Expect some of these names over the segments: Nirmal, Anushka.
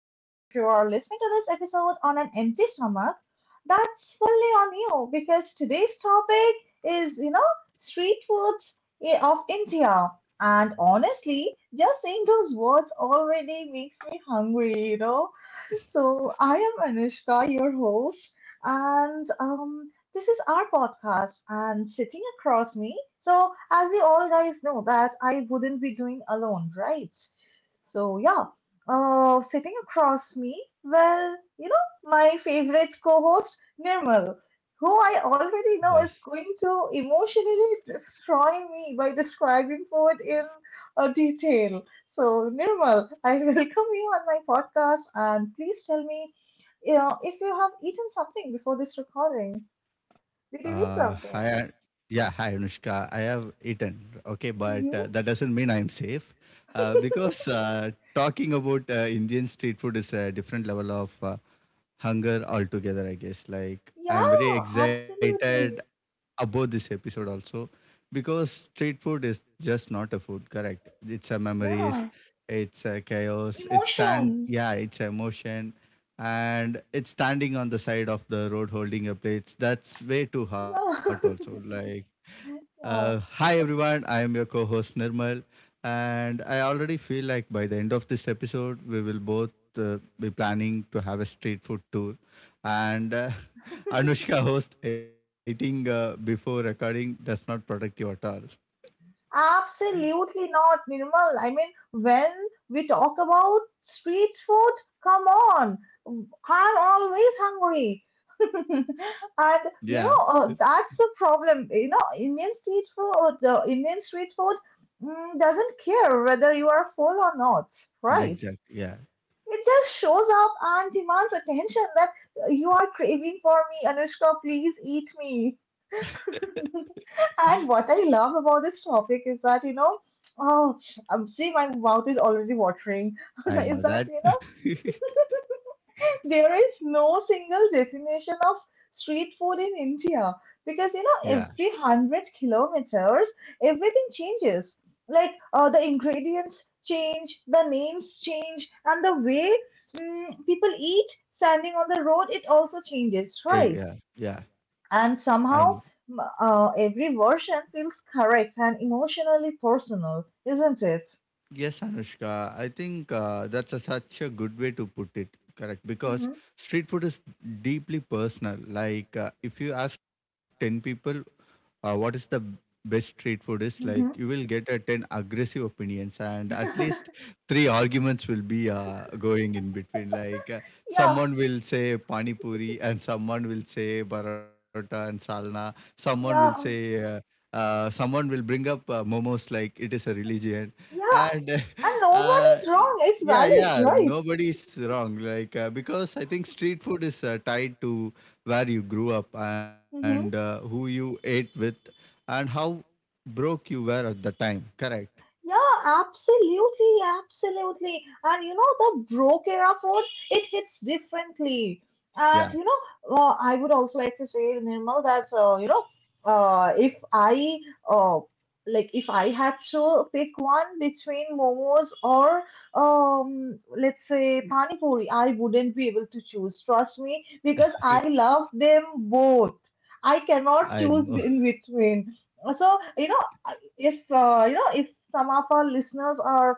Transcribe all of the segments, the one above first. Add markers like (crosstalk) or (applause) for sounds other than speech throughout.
if you are listening to this episode on an empty stomach, that's fully on you because today's topic is, street foods of India. And honestly, just saying those words already makes me hungry. So, I am Anushka, your host. And This is our podcast, and sitting across me, so as you all guys know that I wouldn't be doing alone, right? So yeah, sitting across me, well, my favorite co-host Nirmal, who I already Yes. know is going to emotionally destroy me by describing food in detail. So Nirmal, I (laughs) welcome you on my podcast, and please tell me, if you have eaten something before this recording. Did you eat Hi. Something? Yeah, hi Anushka. I have eaten. Okay, but that Hmm. doesn't mean I am safe, because (laughs) talking about Indian street food is a different level of hunger altogether. I guess. Like I'm very Yeah, excited absolutely. about this episode also because street food is just not a food correct it's a memories Yeah, it's a chaos it's emotion. stand yeah it's emotion and it's standing on the side of the road holding a plate that's way too hard Yeah, also like (laughs) hi yeah, everyone I am your co-host nirmal and I already feel like by the end of this episode, we will both be planning to have a street food tour. And (laughs) Anushka host eating before recording does not protect you at all. absolutely not, Nirmal. I mean, when we talk about street food, come on, I'm always hungry. (laughs) And Yeah, that's the problem. You know, Indian street food, the Indian street food doesn't care whether you are full or not, right? exactly. Yeah, It just shows up and demands attention that you are craving for me, Anushka, please eat me. (laughs) And what I love about this topic is that, oh, I'm see my mouth is already watering. (laughs) I Is know that, that. (laughs) There is no single definition of street food in India (laughs) because you Yeah, know every 100 kilometers everything changes. Like the ingredients change, the names change, and the way people eat standing on the road it also changes, yeah, right? yeah. Yeah. And I know. somehow every version feels correct and emotionally personal, isn't it? Yes, Anushka. I think that's such a good way to put it. Correct. Because Hmm. street food is deeply personal. Like, if you ask 10 people what is the best street food is, like, you will Hmm. get a 10 aggressive opinions. And at (laughs) least 3 arguments will be going in between. Like Yeah, someone will say pani puri, and someone will say barota and salna. Someone will say yeah, someone will bring up momos like it is a religion, yeah. and (laughs) And no one uh, is wrong. It's yeah, valid, yeah, right? nobody's wrong. Like because I think street food is tied to where you grew up and Hmm. who you ate with, and how broke you were at the time. Correct. Yeah, absolutely, absolutely. And you know, the broke era food, it hits differently. And Yeah. I would also like to say, Nirmal, that you know, if I uh, like, if I had to pick one between momos or let's say pani puri, I wouldn't be able to choose. Trust me, because I (laughs) love them both. I I know. cannot choose in between. So, you know, if some of our listeners are,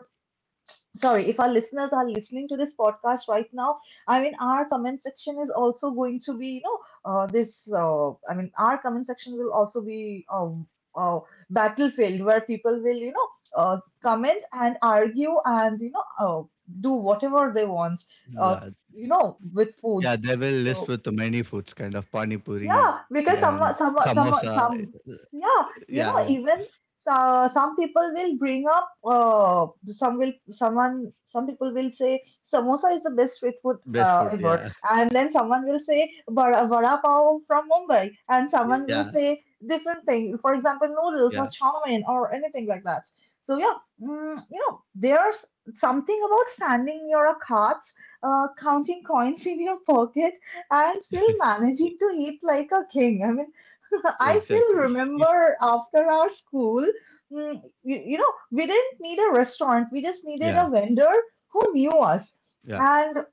sorry, if our listeners are listening to this podcast right now, I mean, our comment section is also going to be, I mean, our comment section will also be a battlefield where people will, comment and argue and, do whatever they want, uh, Yeah, you know, with yeah, foods. they will list So, with the many foods, kind of pani puri yeah, and because samosa. Yeah, Yeah, yeah, you know, even so, some people will bring up, some will, someone, some people will say samosa is the best street food best food. ever, Yeah, and then someone will say vada pav from Mumbai, and someone (laughs) yeah, will say different thing, for example, noodles yeah, or chow mein or anything like that. So yeah, you know, there's something about standing near a cart, counting coins (laughs) in your pocket and still managing to eat like a king. I mean, (laughs) I exactly. still (laughs) remember after our school, you know, we didn't need a restaurant, we just needed Yeah, a vendor who knew us. yeah. And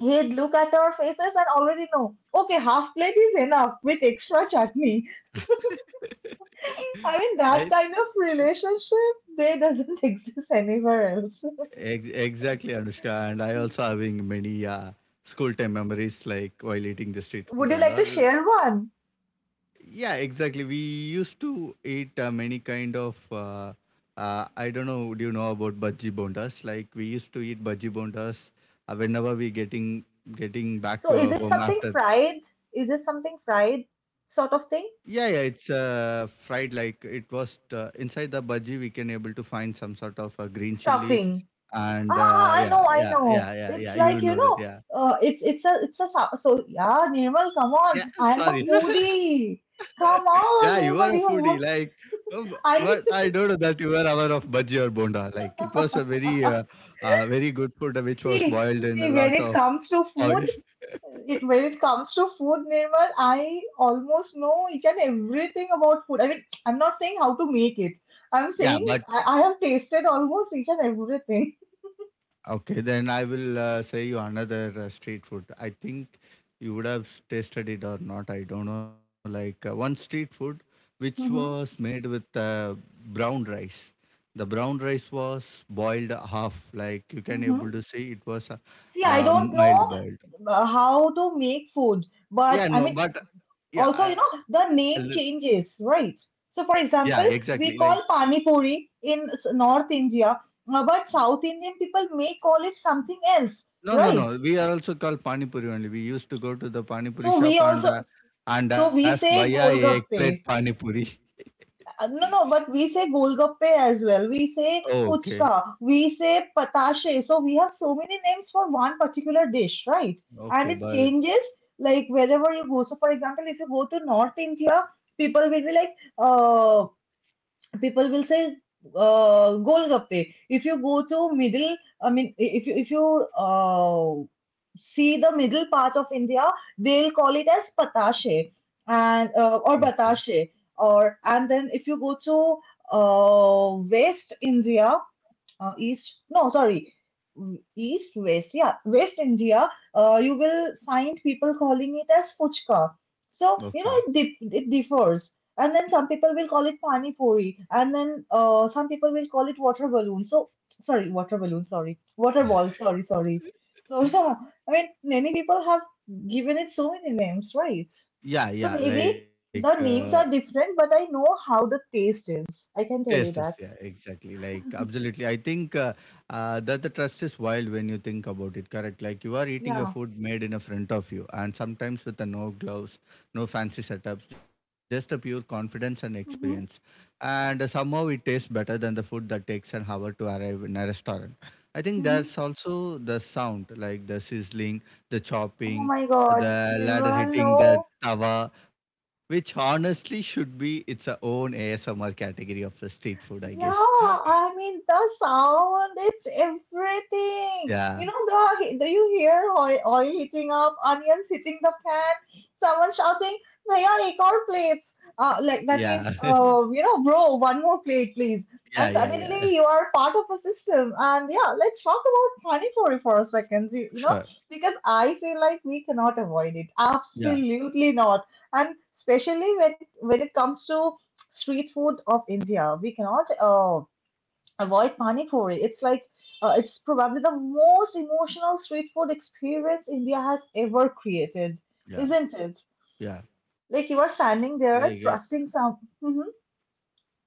he'd look at our faces and already know, okay, half plate is enough with extra chutney. (laughs) I I mean, that kind of relationship, they doesn't (laughs) exist anywhere else. Exactly Anushka, and I also having many school time memories, like while eating the street Would food you and like to all. share one? Yeah, exactly. We used to eat many kind of. I don't know. Do you know about bhaji bondas? Like we used to eat bhaji bondas whenever we getting back So, to is our it home something after. fried? Is it something fried Yeah, sort yeah. of thing? It's fried. Like it was inside the bhaji. We can able to find some sort of green chilies Stuffing. and Ah, ah, I yeah, know, I yeah, yeah, know. yeah, yeah. It's You like, you know know, that. Yeah. So yeah, Nirmal, come Yeah, on. I'm a sorry. (laughs) foodie. Yeah, Come you are a on, foodie. Nirmal, Like, you have uh, but I I don't know that you were aware of bhaji or bonda. Like, it was a very, very good food which (laughs) see was boiled in a see when lot it of comes to food, oil. (laughs) it when it comes to food, Nirmal, I almost know each and everything about food. I mean, (tsk) I'm not saying how to make it. I'm Yeah, saying I have tasted almost each and everything. (laughs) okay, then I will say you another street food. I think you would have tasted it or not. I don't know. Like one street food which was Mm-hmm. made with brown rice. The brown rice was boiled half. Like you can Mm-hmm. able to see it was See, I don't know mild boiled. How to make food. But Yeah, I no, mean, but yeah, also a you lit- know the name changes right, yeah, so for exactly. example Like we call pani puri in north india, but south indian people may call it something else, no, no, right, no. We are also called pani puri only. We used to go to the pani puri so we shop also, and so ask, we "Bhaiya, say ek plate pani golgappe. puri." No no but we say golgappe as well, we say (laughs) Okay. fuchka, we say patashe, so we have so many names for one particular dish right, and Okay, it but changes like wherever you go. So for example if you go to north india people will be like uh, people will say golgappe. If you go to middle, I mean, if you uh, see the middle part of India, they'll call it as patashe and okay, or batashe. Or and then if you go to West India, east no sorry w- east west yeah west india, you will find people calling it as fuchka, so you know okay. it it differs, and then some people will call it pani puri and then some people will call it water balloon so, sorry water balloon sorry water ball sorry sorry so (laughs) yeah I mean many people have given it so many names, right? Yeah, So yeah. maybe the names are different but I know how the taste is, I can Taste tell is you yeah, that. exactly. Like, absolutely. I think that the trust is wild when you think about it, correct? Like, you are eating a Yeah. food made in a front of you, and sometimes with a no gloves, no fancy setups, just a pure confidence and experience. And somehow it tastes better than the food that takes an hour to arrive in a restaurant. I think that's Hmm. also the sound, like the sizzling, the Oh chopping, my god, the ladder Nirmal, hitting the no. tawa which honestly should be its a own ASMR category of the street food, I guess. Yeah, (laughs) I mean the sound, it's everything. You Yeah, know the do you hear oil heating up, onions hitting the pan, someone shouting, "Bhaiya, ek aur plates." Like yeah, that means, (laughs) bro, one more plate, please. yeah, And yeah, yeah. suddenly you are part of a system. And yeah, let's talk about Panipuri for a second. You know, Sure. because I feel like we cannot avoid it. Yeah, Absolutely not. And especially when it comes to street food of India. We cannot avoid pani puri. It's like it's probably the most emotional street food experience India has ever created, yeah, isn't it? yeah. Like you are Like, standing there trusting some. Mhm.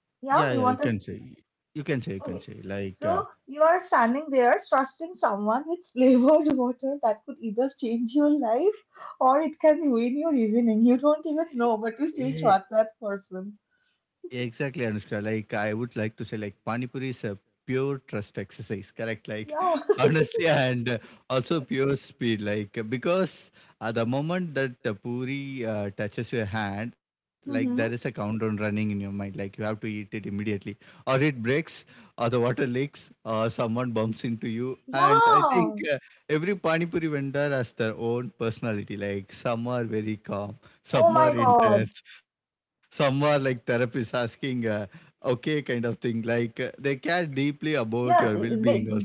yeah, yeah. Yeah, You you can want to. say, you can say, you can Okay. say. Like, So you are standing there trusting someone with flavored (laughs) water that could either change your life or it can ruin your evening. You don't even know, but you uh, still trust that person. exactly, Anushka. Like, I would like to say, like, Panipuri is a pure trust exercise, correct? Like, Yeah. (laughs) honestly, and also pure speed. Like, because at the moment that the puri touches your hand, like, there (laughs) is a Hmm. countdown running in your mind. Like, you have to eat it immediately, or it breaks, or the water leaks, or someone bumps into you. And I think Yeah. Every Panipuri vendor has their own personality. Like, some are very calm, Oh some my are God. intense some are like therapists asking okay kind of thing like they care deeply about your Yeah, well-being they, also.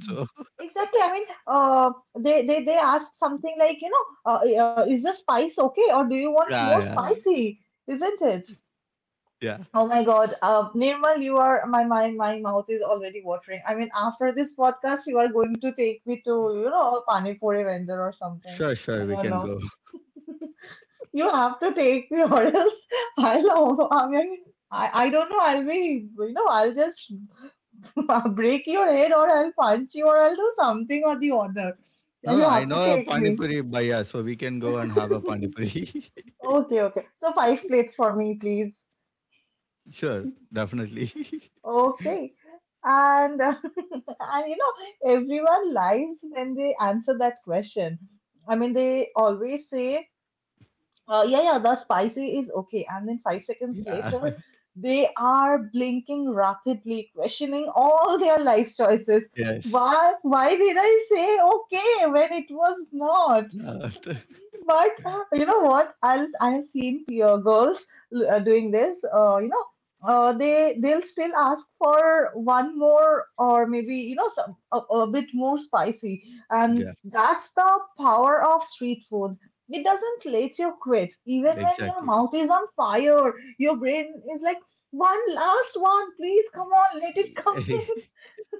exactly. I mean, they ask something like, is the spice okay or do you (laughs) want more Yeah, yeah, spicy? Isn't it? yeah, Oh my God. Nirmal, you are, my mouth is already watering. I mean, after this podcast, you are going to take me to, you know, a pani puri vendor or something. sure, sure I we don't can know. go. You have to take me (laughs) or else I'll, I mean, I don't know. I'll be, you know, I'll just (laughs) I'll break your head or I'll punch you or I'll do something or the other. No, no, You I have to know a take me. panipuri bhaiya so we can go and have a panipuri. Okay, okay. So five plates for me, please. (laughs) Sure definitely. (laughs) Okay. And (laughs) and you know, everyone lies when they answer that question. I mean, they always say, yeah, yeah, the spicy is okay. And then five Yeah. seconds later, they are blinking rapidly, questioning all their life choices. Yes. Why did I say okay when it was not? Uh, (laughs) But you know what? I have seen peer girls doing this. They they'll still ask for one more or maybe you know some, a bit more spicy, and yeah that's the power of street food. It doesn't let you quit, even when your exactly. mouth is on fire. Your brain is like, one last one, please come on, let it come. (laughs)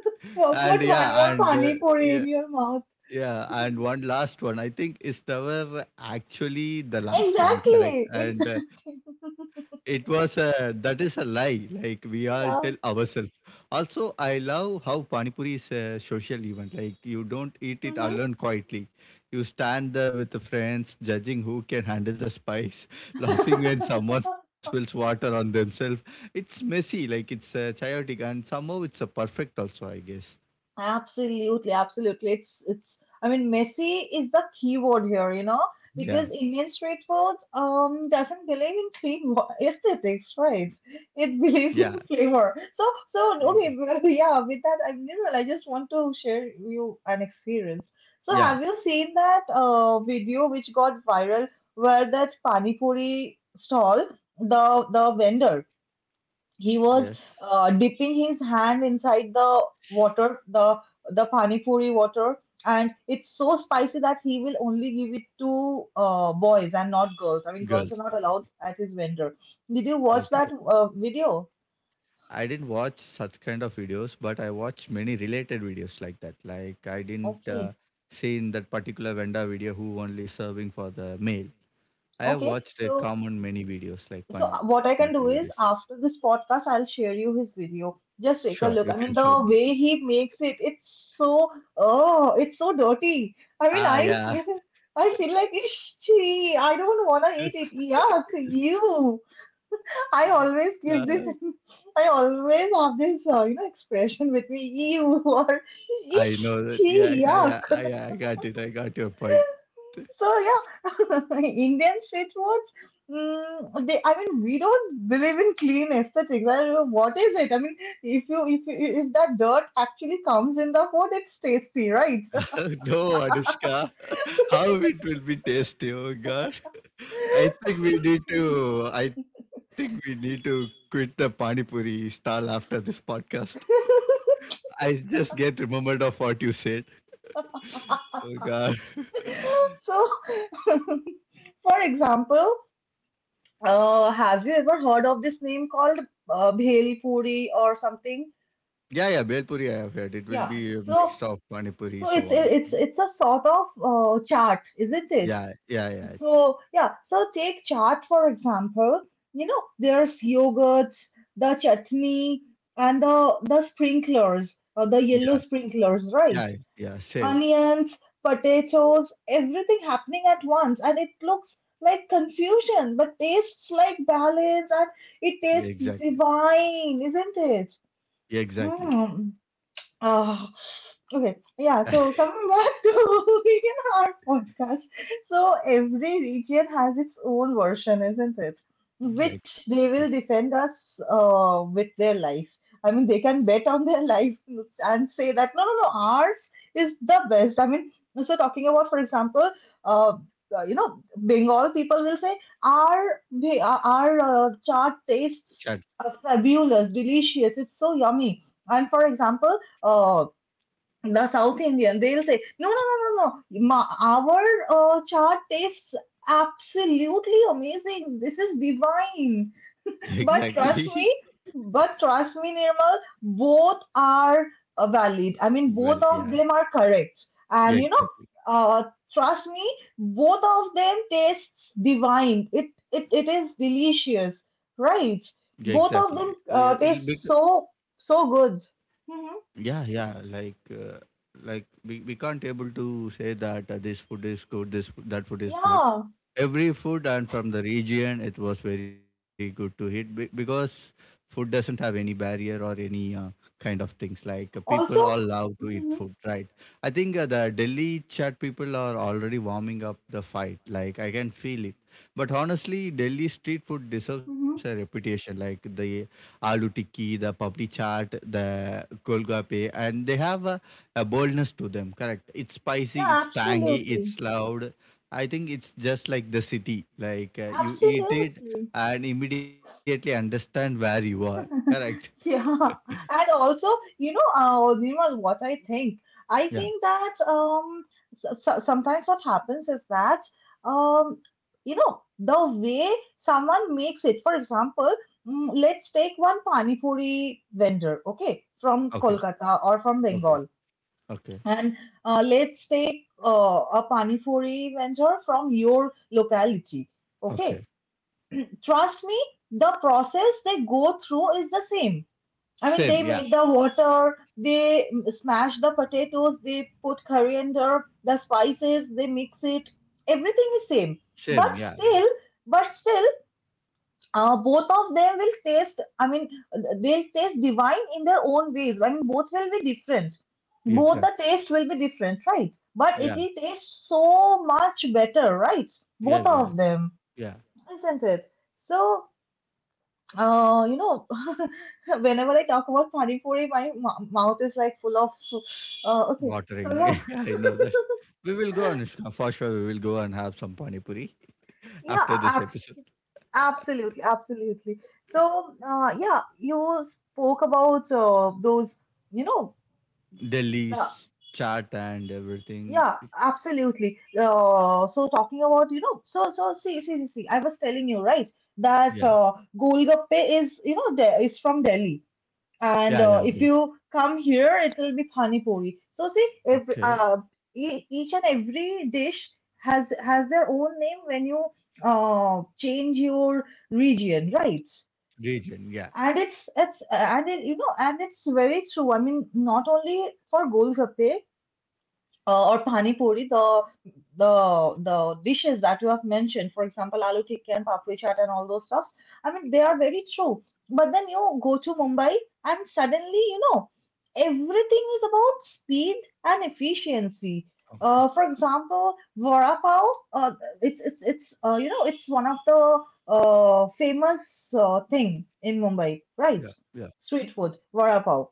(laughs) And Put yeah one and more pani yeah puri in your mouth. yeah and one last one I think is never actually the last one correct Exactly, (laughs) and exactly. it was a that is a lie. Like we all tell Yeah. ourselves. Also, I love how pani puri is a social event. Like you don't eat it Mm-hmm. alone quietly. You stand there with the friends, judging who can handle the spice, (laughs) laughing when someone (laughs) spills water on themselves. It's messy. Like it's chaotic, and somehow it's a perfect. Also, I guess. Absolutely, absolutely. It's I mean messy is the key word here, you know, Yeah. because Indian street food doesn't believe in clean aesthetics, right? It Yeah. (laughs) believes in flavor. So so y- okay, well, yeah, with that I mean, I just want to share you an experience. So Yeah. have you seen that video which got viral where that pani puri stall, the vendor Yes. he was dipping his hand inside the water, the pani puri water, and it's so spicy that he will only give it to boys and not girls. I mean, girls are Girls. not allowed at his vendor. Did you Okay. watch that video? I didn't watch such kind of videos, but I watched many related videos like that. Like I didn't Okay, see in that particular vendor video who only serving for the male. I have okay. watched a So common many videos like Pani Puri what I videos. can do is after this podcast, I'll share you his video. Just Sure, take you a can look. I show. (laughs) mean, the Me. way he makes it, it's so oh, it's so dirty. I mean, Ah, yeah. I feel like it's tea. I don't wanna eat it. Yuck, you. I always Uh, give this. (laughs) I always have this, expression with me. You (laughs) or I know it's that. Yeah, tea. yeah, yeah. Yuck. I got it. I got your point. So yeah, (laughs) Indian street foods. They, I mean, we don't believe in clean aesthetics. I don't know what is it. I mean, if that dirt actually comes in the food, it's tasty, right? (laughs) No, Anushka, (laughs) how it will be tasty. Oh God, (laughs) (laughs) I think we need to quit the pani puri stall after this podcast. I just get remembered of what you said. Oh God. (laughs) So, (laughs) for example, have you ever heard of this name called bhel puri or something? Yeah, yeah, bel puri I have heard. It will Yeah. be a mix So of pani puri, so so it's on. it's it's a sort of chaat, isn't it? Yeah, yeah, yeah, it's- So, yeah, so take chaat for example. You know, there's yogurts, the chutney, and the sprinklers, or the yeah, yellow sprinklers, right? yeah, yeah. Same. Onions, potatoes, everything happening at once. And it looks like confusion, but tastes like balance, and Yeah, it exactly. tastes divine, isn't it? Yeah, exactly. Mm. Ah, okay. Yeah, so (laughs) coming back (laughs) to vegan art podcast. So every region has its own version, isn't it? Yeah, Which exactly. they will defend us with their life. I mean, they can bet on their life and say that no, no, no, ours is the best. I mean, so talking about, for example, uh, you know, Bengal people will say our chaat Chat. tastes fabulous, delicious. It's so yummy. And for example, uh, the South Indian, they'll say, no, no, no, no, no. Ma our chaat tastes absolutely amazing. This is divine. (laughs) But trust Exactly. me, but trust me, Nirmal, both are valid. I mean, (laughs) both Well, of yeah, them are correct. yeah, And you know, exactly. uh, trust me, both of them tastes divine. It is delicious, Yeah, right? exactly. Yeah, Both of it'll them be taste so good. hmm yeah, yeah. Like we can't able to say that this food is good, that food is good. Yeah. Every food and from the region, it was very good to eat because food doesn't have any barrier or any kind of things like people all Also, love to eat mhm, food right I think the delhi chat people are already warming up the fight like I can feel it but honestly delhi street food deserves a mhm, reputation like the aloo tikki the papdi chaat the golgappe and they have a boldness to them correct it's spicy yeah, it's tangy absolutely. it's loud I think it's just like the city like you eat it Absolutely. and immediately understand where you are correct. (laughs) Yeah. And also, you know, Nirmal, what I (laughs) think that so, sometimes what happens is that, um, you know, the way someone makes it, for example, let's take one Pani Puri vendor, okay, from Okay, Kolkata or from okay, Bengal. okay, And let's take a panipuri vendor from your locality. Okay. okay. Trust me, the process they go through is the same. I Same, mean, yeah, they make the water, they smash the potatoes, they put coriander, the spices, they mix it. Everything is same. But same, yeah, yeah. still, but still, both of them will taste, I mean, they'll taste divine in their own ways. I mean, both will be different, Yeah, exact, both the taste will be different, right? But it yeah, will taste so much better, right? yeah, Both yeah, of them, yeah. isn't it? So you know, (laughs) whenever I talk about pani puri, my mouth is like full of okay, so Watering, yeah, (laughs) yeah, I know that. We will go, Anushka, for sure. We will go and have some pani puri yeah after this abs- episode. absolutely, absolutely. So yeah, you spoke about those, you know, the— Delhi's chat and everything. yeah, absolutely. So talking about, you know, see, I was telling you, right, that Yeah, Golgappe is, you know, de is from Delhi, yeah, yeah. and Good. if you come here, it will be pani puri. So see, every Okay, e each and every dish has their own name when you change your region, right? region, yeah, And you know, and it's very true. I mean, not only for Golgappe or pani puri, the dishes that you have mentioned, for example, aloo tikka and papri chaat and all those stuffs. I mean, they are very true. But then you go to Mumbai, and suddenly, you know, everything is about speed and efficiency. Okay, For example, vada pav, uh, it's you know, it's one of the famous thing in Mumbai, yeah, right? yeah, Street food, vada pav.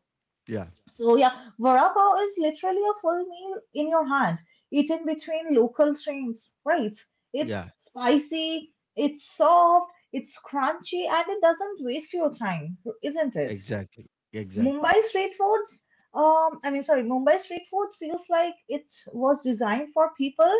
yeah, So yeah, vada pav is literally a full meal in your hand, eaten between local streams, right? It's yeah. spicy, it's soft, it's crunchy, and it doesn't waste your time, isn't it? Exactly, exactly. Mumbai street foods, Mumbai street food feels like it was designed for people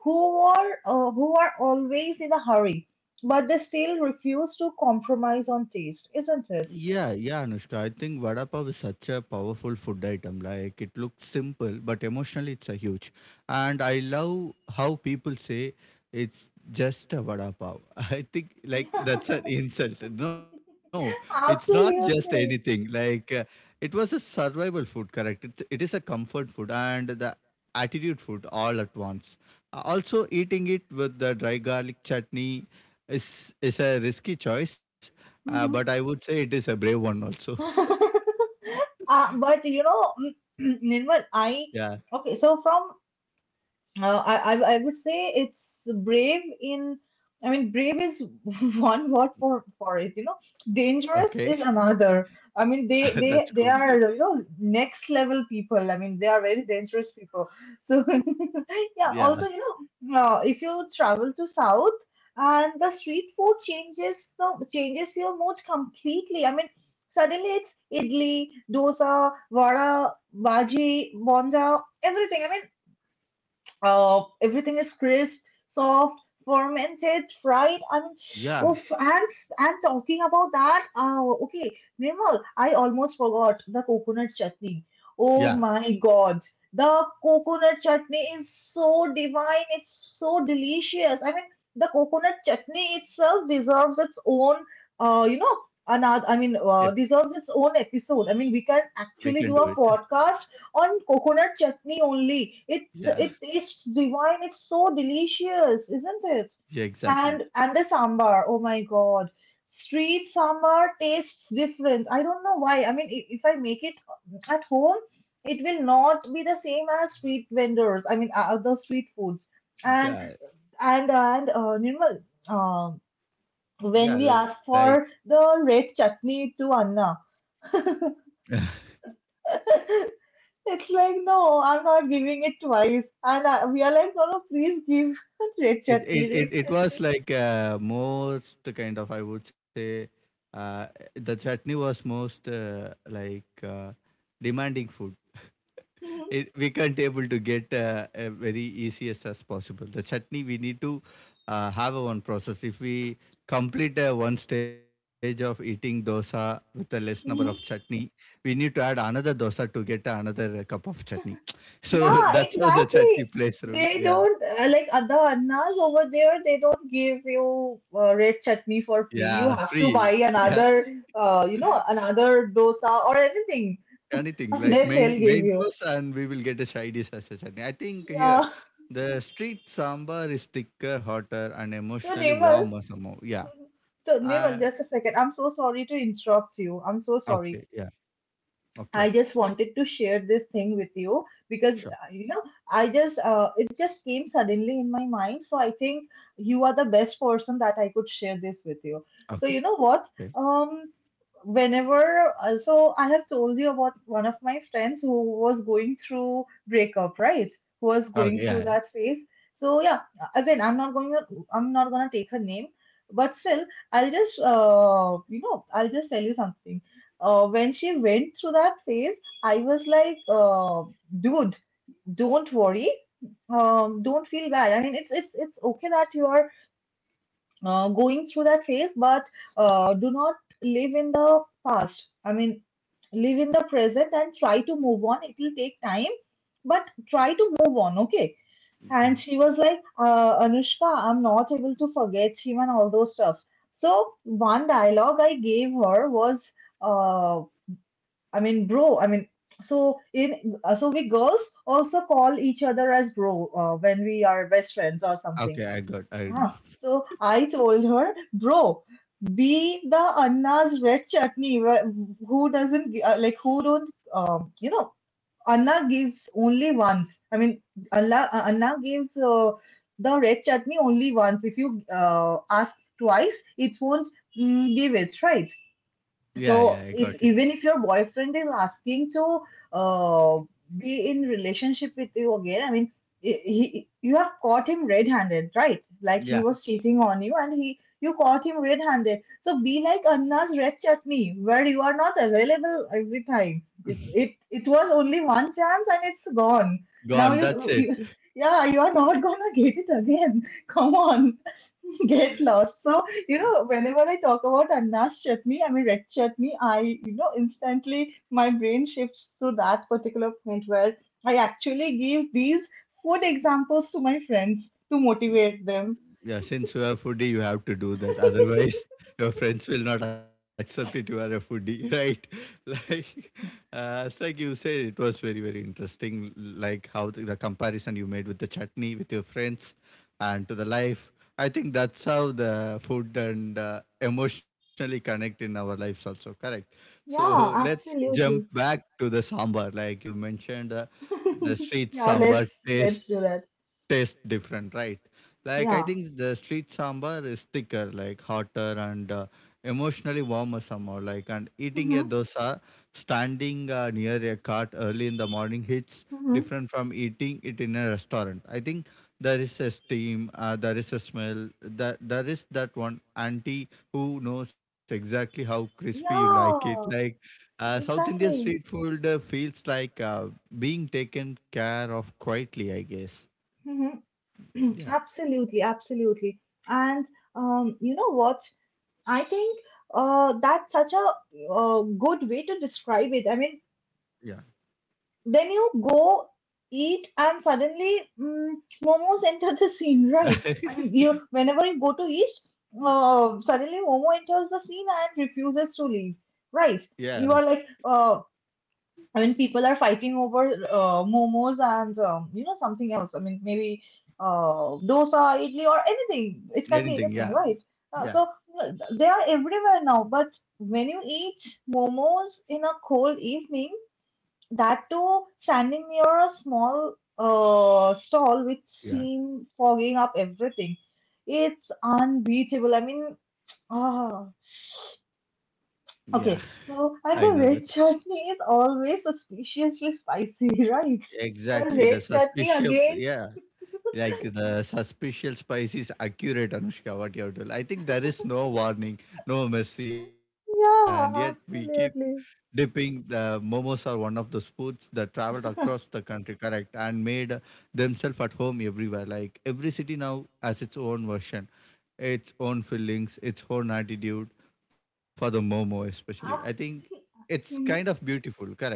who are always in a hurry, but they still refuse to compromise on taste, isn't it? Yeah, yeah, Anushka. I think vada pav is such a powerful food item. Like it looks simple, but emotionally it's a huge. And I love how people say it's just a vada pav. (laughs) I think like that's an insult. No, it's not (laughs) just anything. Absolutely. Like it was a survival food, correct? It is a comfort food and the attitude food all at once. Also, eating it with the dry garlic chutney is is a risky choice but I would say it is a brave one also. (laughs) (laughs) But you know, (clears throat) Nirmal, I Yeah. okay, so from I would say it's brave in— I mean, brave is (laughs) one word for it, you know. Okay. Dangerous is another. I mean, (laughs) That's they cool. they they (laughs) are, you know, next level people. I mean, they are very dangerous people. So (laughs) yeah, Yeah. also you know, if you travel to south, and the street food changes, the changes your mood completely. I mean, suddenly it's idli, dosa, vada, bhaji, bonja, everything. I mean, everything is crisp, soft, fermented, fried. I mean, Yeah. oof, and talking about that, okay, Nirmal, I almost forgot the coconut chutney. Oh Yeah. my God, the coconut chutney is so divine. It's so delicious. I mean, the coconut chutney itself deserves its own, you know, another— I If mean, deserves its own episode. I mean, we can we can actually do do it. (laughs) a podcast on coconut chutney only. It's Yeah. it is divine. It's so delicious, isn't it? Yeah, exactly. And the sambar. Oh my god. Street sambar tastes different. I don't know why. I mean, if I make it at home, it will not be the same as street vendors. I mean, the street foods. And Yeah. And Nirmal, um, when Yeah. we Like asked for the red chutney to Anna. (laughs) It's like, no, I'm not giving it twice. And we are like, no, no, please give (laughs) red it, chutney, it, red it, it chutney. was like most kind of, I would say, uh, the chutney was most like demanding food. Mhm, It, we can't able to get very easiest as possible. The chutney we need to have a one process. If we complete one stage of eating dosa with a less number of mhm, chutney, we need to add another dosa to get another cup of chutney. (laughs) So yeah, that's how the chutney exactly. plays role. They Yeah, don't, like other annas over there, they don't give you red chutney for free. You yeah, have to free. (laughs) buy Yeah, another, you know, another dosa or anything. anything (laughs) And like then main they'll give main you. course, and we will get a side dish as a chutney. I think here. Yeah. The street sambar is thicker, hotter, and So, emotionally Nirmal, warmer somehow. Yeah. mhm. (laughs) So Nirmal, Uh, just a second. I'm so sorry to interrupt you. I'm Okay, so yeah. sorry. Okay, I just wanted to share this thing with you because sure. You know, I just it just came suddenly in my mind. So I think you are the best person that I could share this with you. So you Okay. know what? Um, whenever so I have told you about one of my friends who was going through breakup, right? Who was Okay, going yeah. through Yeah. that phase. So yeah, again, I'm not gonna take her name, but still, I'll just you know, I'll just tell you something. When she went through that phase, I was like, dude, don't worry. Don't feel bad. I mean, it's okay that you are going through that phase, but do not live in the past. I mean, live in the present and try to move on. It will take time, but try to move on. Okay. Mm. And she was like, Anushka, I'm not able to forget him and all those stuffs. So one dialogue I gave her was, uh. I mean, bro. I mean, so in so we girls also call each other as bro when we are best friends or Okay, something. I know. Ah, (laughs) so I told her, bro, be the Anna's red chutney. Who doesn't gi- like— who don't? You know, Anna gives only once. I mean, Anna gives the red chutney only once. If you ask twice, it won't, give it, right? Yeah, yeah, I got So it. if even if your boyfriend is asking to uh, be in relationship with you again, I mean, you have caught him red-handed, right? Like he Yeah, was cheating on you, and he you caught him red-handed. So be like Anna's red chutney, where you are not available every time. It it was only one chance and it's gone. Gone. That's it. You— yeah, you are not gonna (laughs) get it again. (laughs) Come on, (laughs) get lost. So, you know, whenever I talk about Anna's chutney, I mean red chutney, you know, instantly my brain shifts to that particular point where I actually give these food examples to my friends to motivate them. Yeah, since you are foodie, you have to do that. (laughs) Otherwise, (laughs) your friends will not accept it. You are a foodie, (laughs) right? Like, it's like you said, it was very, very interesting. Like how the comparison you made with the chutney with your friends and to the life. I think that's how the food and emotionally connect in our lives also. Correct. So Yeah, let's jump absolutely. back to the sambar. Like you mentioned, the (laughs) street Yeah, sambar taste let's do that. taste different, right? Like I Yeah. think the street sambar is thicker, like hotter and emotionally warmer somehow. Like and eating a Mm-hmm. dosa standing near a cart early in the morning hits Mm-hmm. different from eating it in a restaurant. I think there is a steam, there is a smell, that there is that one auntie who knows exactly how crispy you like it. Yeah, South Indian street exactly. food feels like being taken care of quietly, I guess. Mm-hmm. (clears throat) Yeah, Absolutely, absolutely. And you know what? I think that's such a good way to describe it. I mean, yeah. then you go eat and suddenly, momos (laughs) enter the scene, right? I mean, (laughs) you whenever you go to East, suddenly Momo enters the scene and refuses to leave, right? Yeah, You are like, I mean, people are fighting over momos and you know, something else. I mean, maybe dosa, idli, or anything. It can be anything. anything, Yeah, right? Uh, yeah, so uh, they are everywhere now. But when you eat momos in a cold evening, that too standing near a small stall with yeah, steam fogging up everything, it's unbeatable. I mean, ah. yeah. Okay, I know so that. and the red chutney is always suspiciously spicy, (laughs) right? Exactly. The The red chutney suspicious, again? yeah, like the suspicious spice is accurate, Anushka, what you have told. I think there is no warning, no mercy, and yet we keep Yeah, absolutely. dipping the momos are one of those foods that traveled across the (laughs) country correct and made themselves at home everywhere, like every city now has its own version, its own feelings, its own attitude for the momo especially. I think Abs- it's kind (laughs) of beautiful, correct?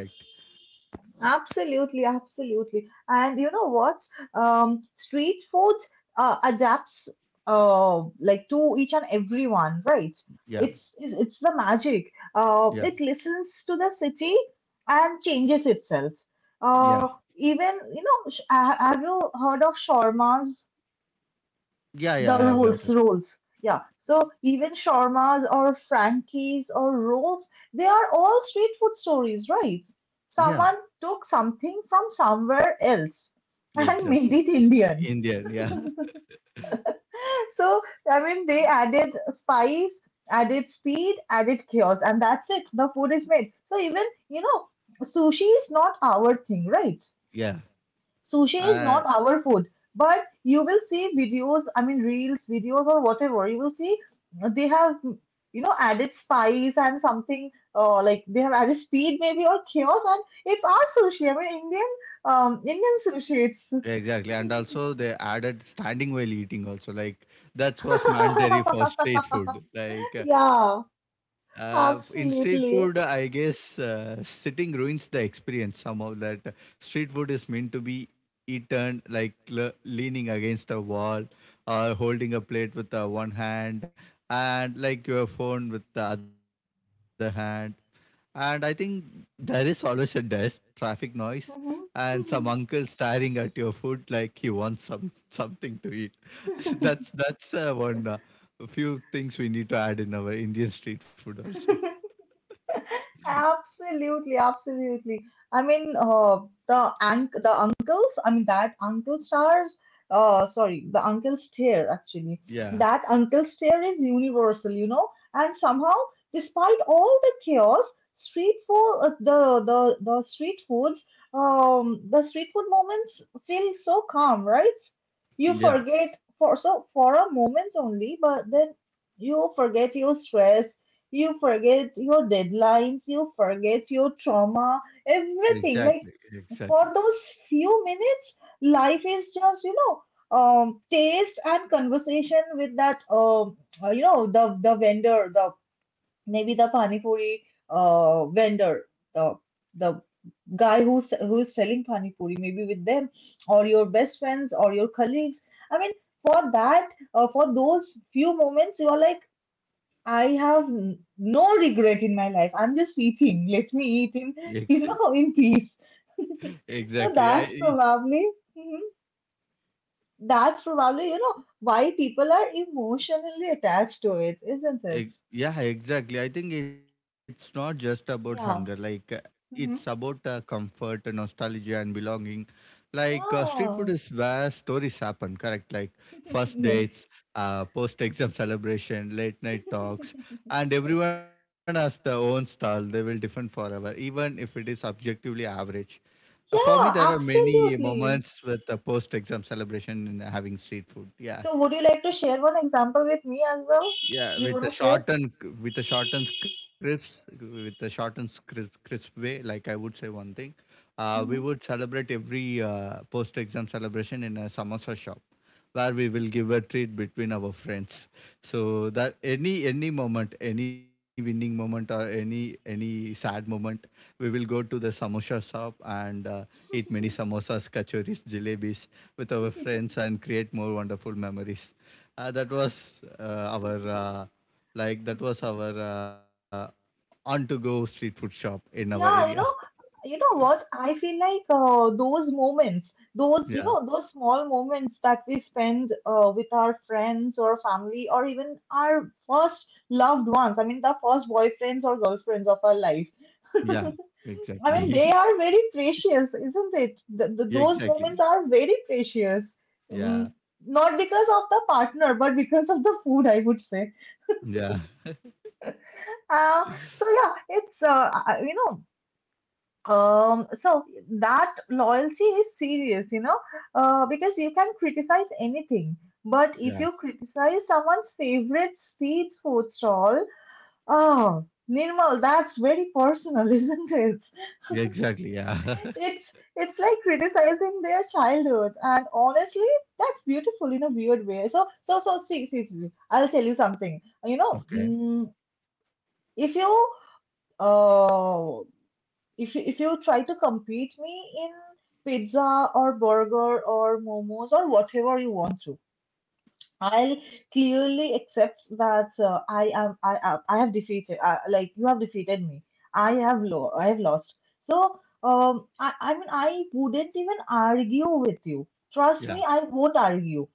Absolutely, absolutely. And you know what? Street food adapts like to each and everyone, right? Yeah, It's the magic. yeah, It listens to the city and changes itself. yeah, Uh, even you know, sh- ha- Have you heard of shawarmas? yeah, yeah, The I have heard rolls, of. rolls. Yeah. So even shawarmas or Frankie's or rolls, they are all street food stories, right? Yeah, Someone took something from somewhere else yeah, and (laughs) made exactly. it Indian. Indian, yeah. (laughs) So, they added spice, added speed, added chaos, and that's it. The food is made. You know, Sushi is not our thing, right? Yeah, Sushi is uh, not our food, but you will see videos, reels, videos, or whatever. You will see they have, added spice and something, like they have added speed maybe or chaos, and it's our sushi, Indian, Indian sushi. It's exactly, and also they added standing while eating also, like, that was mandatory for street food. (laughs) Yeah, In street food, I absolutely. guess, sitting ruins the experience somehow that street food is meant to be eaten like leaning against a wall or holding a plate with one hand and like your phone with the other hand. And I think there is always a dust, traffic noise and some uncle staring at your food like he wants something to eat. (laughs) Mhm. that's one Few things we need to add in our Indian street food also. (laughs) Absolutely, absolutely. I mean, uh, the uncles. I mean, that uncle stars. Sorry, The uncle stare. Actually, Yeah, that uncle stare is universal, you know. And somehow, despite all the chaos, street food, the street foods, the street food moments feel so calm, right? You yeah, forget for a moment only, but then you forget your stress, you forget your deadlines, you forget your trauma, everything. exactly, Like for exactly, those few minutes, life is just, taste and conversation with that, the vendor, the maybe the pani puri, vendor, the the guy who's selling pani puri, maybe with them, or your best friends or your colleagues. I mean, for that, for those few moments, you are like, I have no regret in my life. I'm just eating. Let me eat in, exactly, (laughs) you know, in peace. (laughs) So exactly. that's I probably, mhm, that's probably, you know, why people are emotionally attached to it, isn't it? Yeah, exactly. I think it's not just about hunger. Yeah. It's about Hmm. Comfort, nostalgia, and belonging. Street food is Yeah. where stories happen. Correct. Like first (laughs) dates, Yes. Post-exam celebration, late night talks, (laughs) and everyone has their own style. They will different forever, even if it is objectively average. For me, there are Yeah, many absolutely. moments with post-exam celebration and having street food. Yeah. So would you like to share one example with me as well? Yeah, Do you with want the to share? shortened, with the shortened scripts, with the shortened crisp way, like I would say one thing, we Mm-hmm. would celebrate every post exam celebration in a samosa shop, where we will give a treat between our friends. So that any moment, any winning moment or any sad moment, we will go to the samosa shop and eat many samosas, kachoris, jalebis with our friends and create more wonderful memories. Uh, that was uh, our uh, that was our on to go street food shop in our area. Yeah, you know what? I feel like those moments, those, you Yeah, know, those small moments that we spend with our friends or family or even our first loved ones, I mean, the first boyfriends or girlfriends of our life. yeah, (laughs) I exactly. mean, they are very precious, isn't it? Th (laughs) Yeah, th Those exactly. moments are very precious. Yeah, Um, Not because of the partner, but because of the food, I would say. (laughs) yeah, Uh, so yeah, it's I- you know. So that loyalty is serious, you know, because you can criticize anything, but if yeah, you criticize someone's favorite street food stall, oh, Nirmal, that's very personal, (laughs) isn't it? yeah, exactly. Yeah. It's like criticizing their childhood, and honestly, that's beautiful in a weird way. So see, I'll tell you something. You (laughs) know, Okay. mm, if you uh if you try to compete me in pizza or burger or momos or whatever you want to, I'll clearly accept that I am I am I have defeated like you have defeated me, I have I have lost. I wouldn't even argue with you, trust me, Yeah. I won't argue.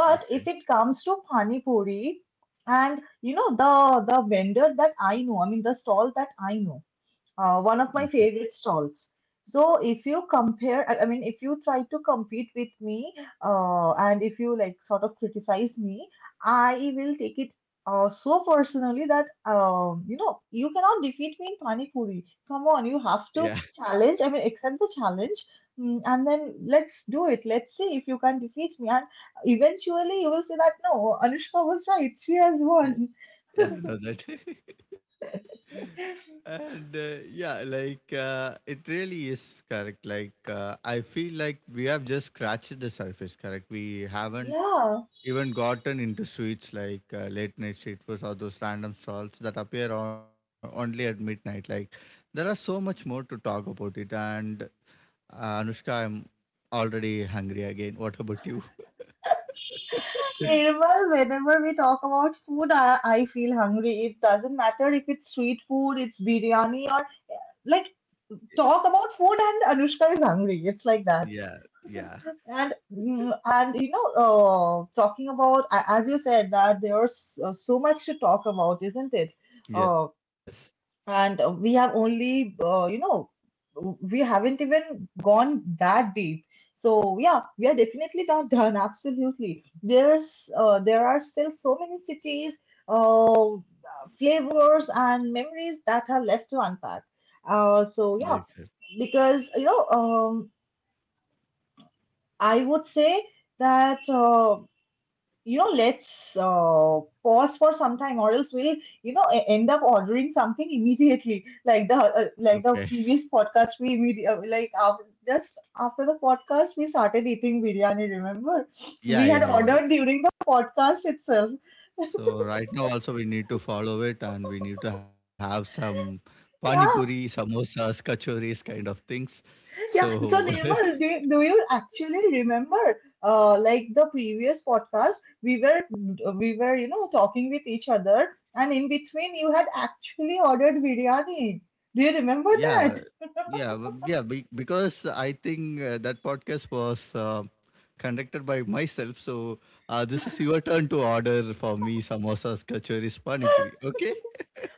But if Okay. it comes to pani puri and you know the vendor that I know, I mean the stall that I know, one of Okay. my favorite stalls. So if you compare, I mean, if you try to compete with me, and if you like sort of criticize me, I will take it so personally that you know, you cannot defeat me in pani puri. Come on, you Yeah. have to challenge. I mean, accept the challenge, mm, and then let's do it. Let's see if you can defeat me. And eventually, you will say that no, Anushka was right. She has Yeah. won. (laughs) Yeah. I know that. (laughs) and Yeah, like it really is correct. I feel like we have just scratched the surface. Correct. We haven't Yeah. even gotten into sweets like late night street foods or those random stalls that appear on, only at midnight. Like there are so much more to talk about it. And Anushka, I'm already hungry again. What about you? (laughs) Nirmal, whenever we talk about food, I feel hungry. It doesn't matter if it's street food, it's biryani, or like, talk about food and Anushka is hungry. It's like that. Yeah, yeah, And mm, and you know, talking about as you said, that there's so much to talk about, isn't it? Uh, yes, and We have only, we haven't even gone that deep. So yeah, we are definitely not done. (laughs) Absolutely, there's there are still so many cities, uh, flavors and memories that are left to unpack. Uh, yes. so Yes. yeah, because you know, I would say that. You know, let's pause for some time, or else we'll, you know, end up ordering something immediately, like the Okay. Previous podcast we like after, just after the podcast we started eating biryani, remember, we Yeah, had yeah, yeah. ordered during the podcast itself. (laughs) So right now also we need to follow it and we need to have some pani puri, Yeah. samosas, kachoris kind of things. Yeah. So So Nirmal, (laughs) do you actually remember, like the previous podcast, we were we were, you know, talking with each other, and in between you had actually ordered biryani. Do you Yeah, remember that? yeah, yeah. (laughs) Because I think that podcast was conducted by myself, so this is your turn to order for me samosas, kachoris, pani puri. Okay?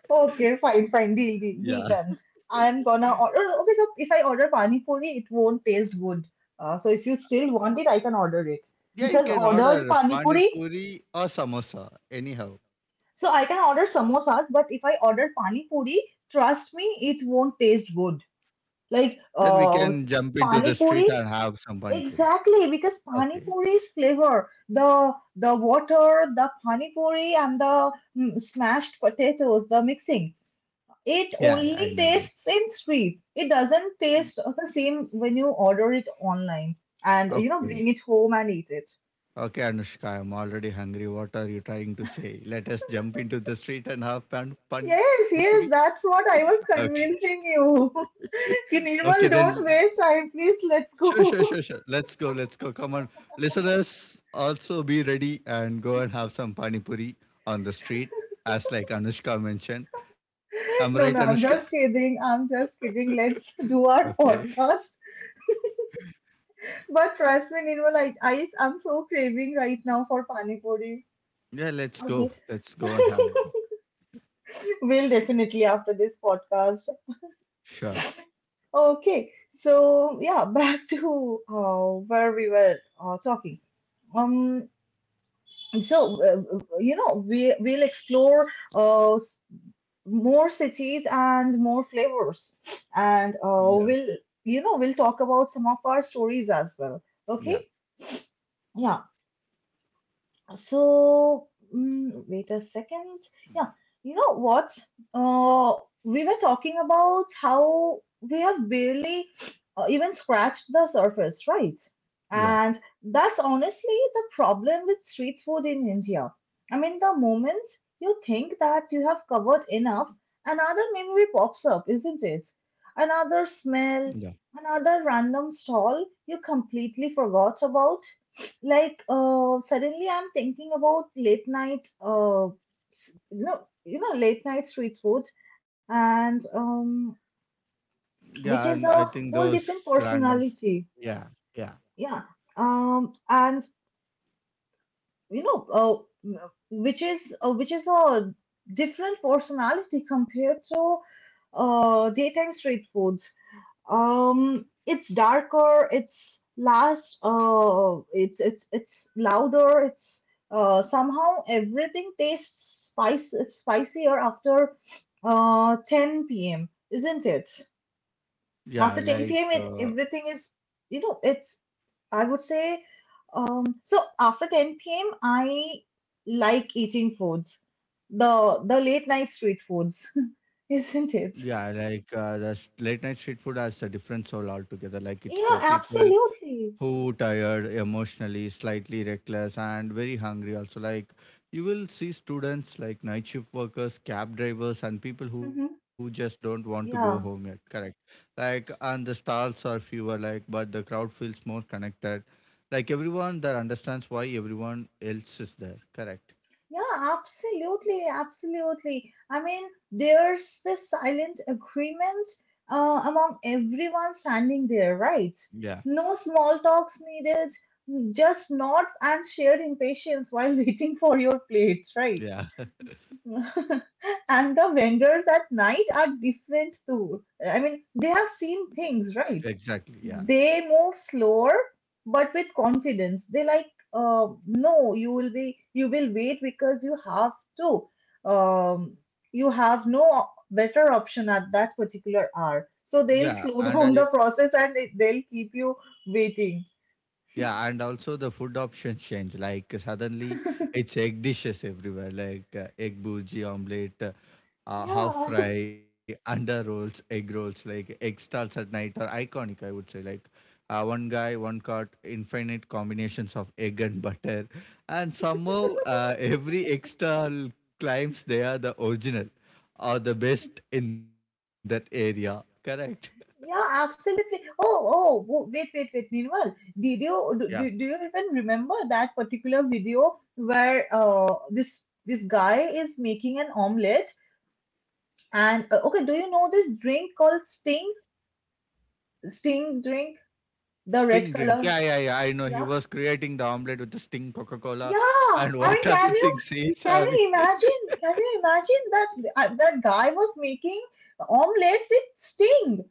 Okay, fine, fine. Deal, Yeah, deal, deal done. I'm gonna order. Okay, so if I order pani puri, it won't taste good. So if you still want it, I can order it yeah. You because can ordered order pani pani puri. puri or samosa, anyhow. So I can order samosas, but if I order pani puri, trust me, it won't taste good. Like Then we can uh, jump into the Pani street and puri, have some pani puri. exactly, because pani Okay. puri's flavor, the water, the pani puri, and the mm, smashed potatoes, the mixing, Yeah, I it know that. only tastes in street. It doesn't taste the same when you order it online and you know Okay. bring it home and eat it. Okay, Anushka, I'm already hungry. What are you trying to say? Let us jump into the street and have pani puri. Yes, yes, that's what I was Okay. convincing you. (laughs) Ki, Okay, Nirmal, then don't waste time, please. Let's sure, sure, sure, go. sure. (laughs) Let's go, let's go. Come on, listeners, also be ready and go and have some pani puri on the street, as like Anushka mentioned. I'm right, No, Anushka. no, I'm just kidding. I'm just kidding. Let's do our Okay. podcast. But trust me, Nirmal, I'm so craving right now for pani puri. Yeah, let's go. Okay. Let's go and have. (laughs) We'll definitely after this podcast. Sure. Okay, so yeah, back to where we were talking. Um, you know, we'll explore uh, more cities and more flavors, and Yeah, we'll, you know, we'll talk about some of our stories as well. Okay. yeah, Yeah. So, mm, wait a second. Yeah, you know what? Uh, we were talking about how we have barely even scratched the surface, right? yeah, And that's honestly the problem with street food in India. I mean, the moment you think that you have covered enough, another memory pops up, isn't it? Another yeah, smell, another random stall you completely forgot about. Suddenly I'm thinking about late night, s- no you know, late night street food, and yeah. And which I is think a those whole different random. personality. Yeah, yeah, Yeah. And you know which is Which is a different personality compared to daytime street food. It's darker, it's last, it's it's louder, it's somehow everything tastes spice spicier after 10 p.m., isn't it? yeah. After 10 p.m., it everything is, you know, it's, I would say, so after 10 p.m., I like eating foods, the late night street foods, (laughs) isn't Yeah, it? like late night street food has a different soul altogether. Like it's for Yeah, people absolutely. who tired emotionally, slightly reckless and very hungry also. Like you will see students like night shift workers, cab drivers and people who Mm-hmm. just don't want to go home yet, Yeah. correct? Like and the stalls are fewer, like but the crowd feels more connected, like everyone that understands why everyone else is there, correct? Yeah, absolutely, absolutely. I mean, there's this silent agreement among everyone standing there, right? Yeah, No small talks needed, just nods and shared impatience while (laughs) waiting for your plate, right? yeah. (laughs) And the vendors at night are different too. I mean, they have seen things, (laughs) right? Exactly, yeah, They move slower, but with confidence. They like, no, you will be, you will wait because you have to. Um, you have no better option at that particular hour. yeah. So and they'll I slow (laughs) down the process and they'll keep you waiting. Yeah, and also the food options change. Suddenly, it's egg dishes everywhere, like egg bhurji, omelette, half Yeah. fry, (laughs) under rolls, egg rolls. Like egg stalls at night are iconic. I would say like one guy, one cart, infinite combinations of egg and (laughs) butter, and somehow (laughs) every egg stall claims they are the original or the best in that area. Correct? Yeah, absolutely. Oh, oh, wait, wait, wait. Meanwhile, did you Yeah. Do you even remember that particular video where this this guy is making an omelette, and okay, do you know this drink called Sting? Sting drink, the red Sting drink. color. Yeah, yeah, yeah. I know. He Yeah, was creating the omelette with the Sting Coca Cola yeah. and (laughs) I mean, what other things he's can having. you imagine? Can you imagine that that guy was making omelette with Sting?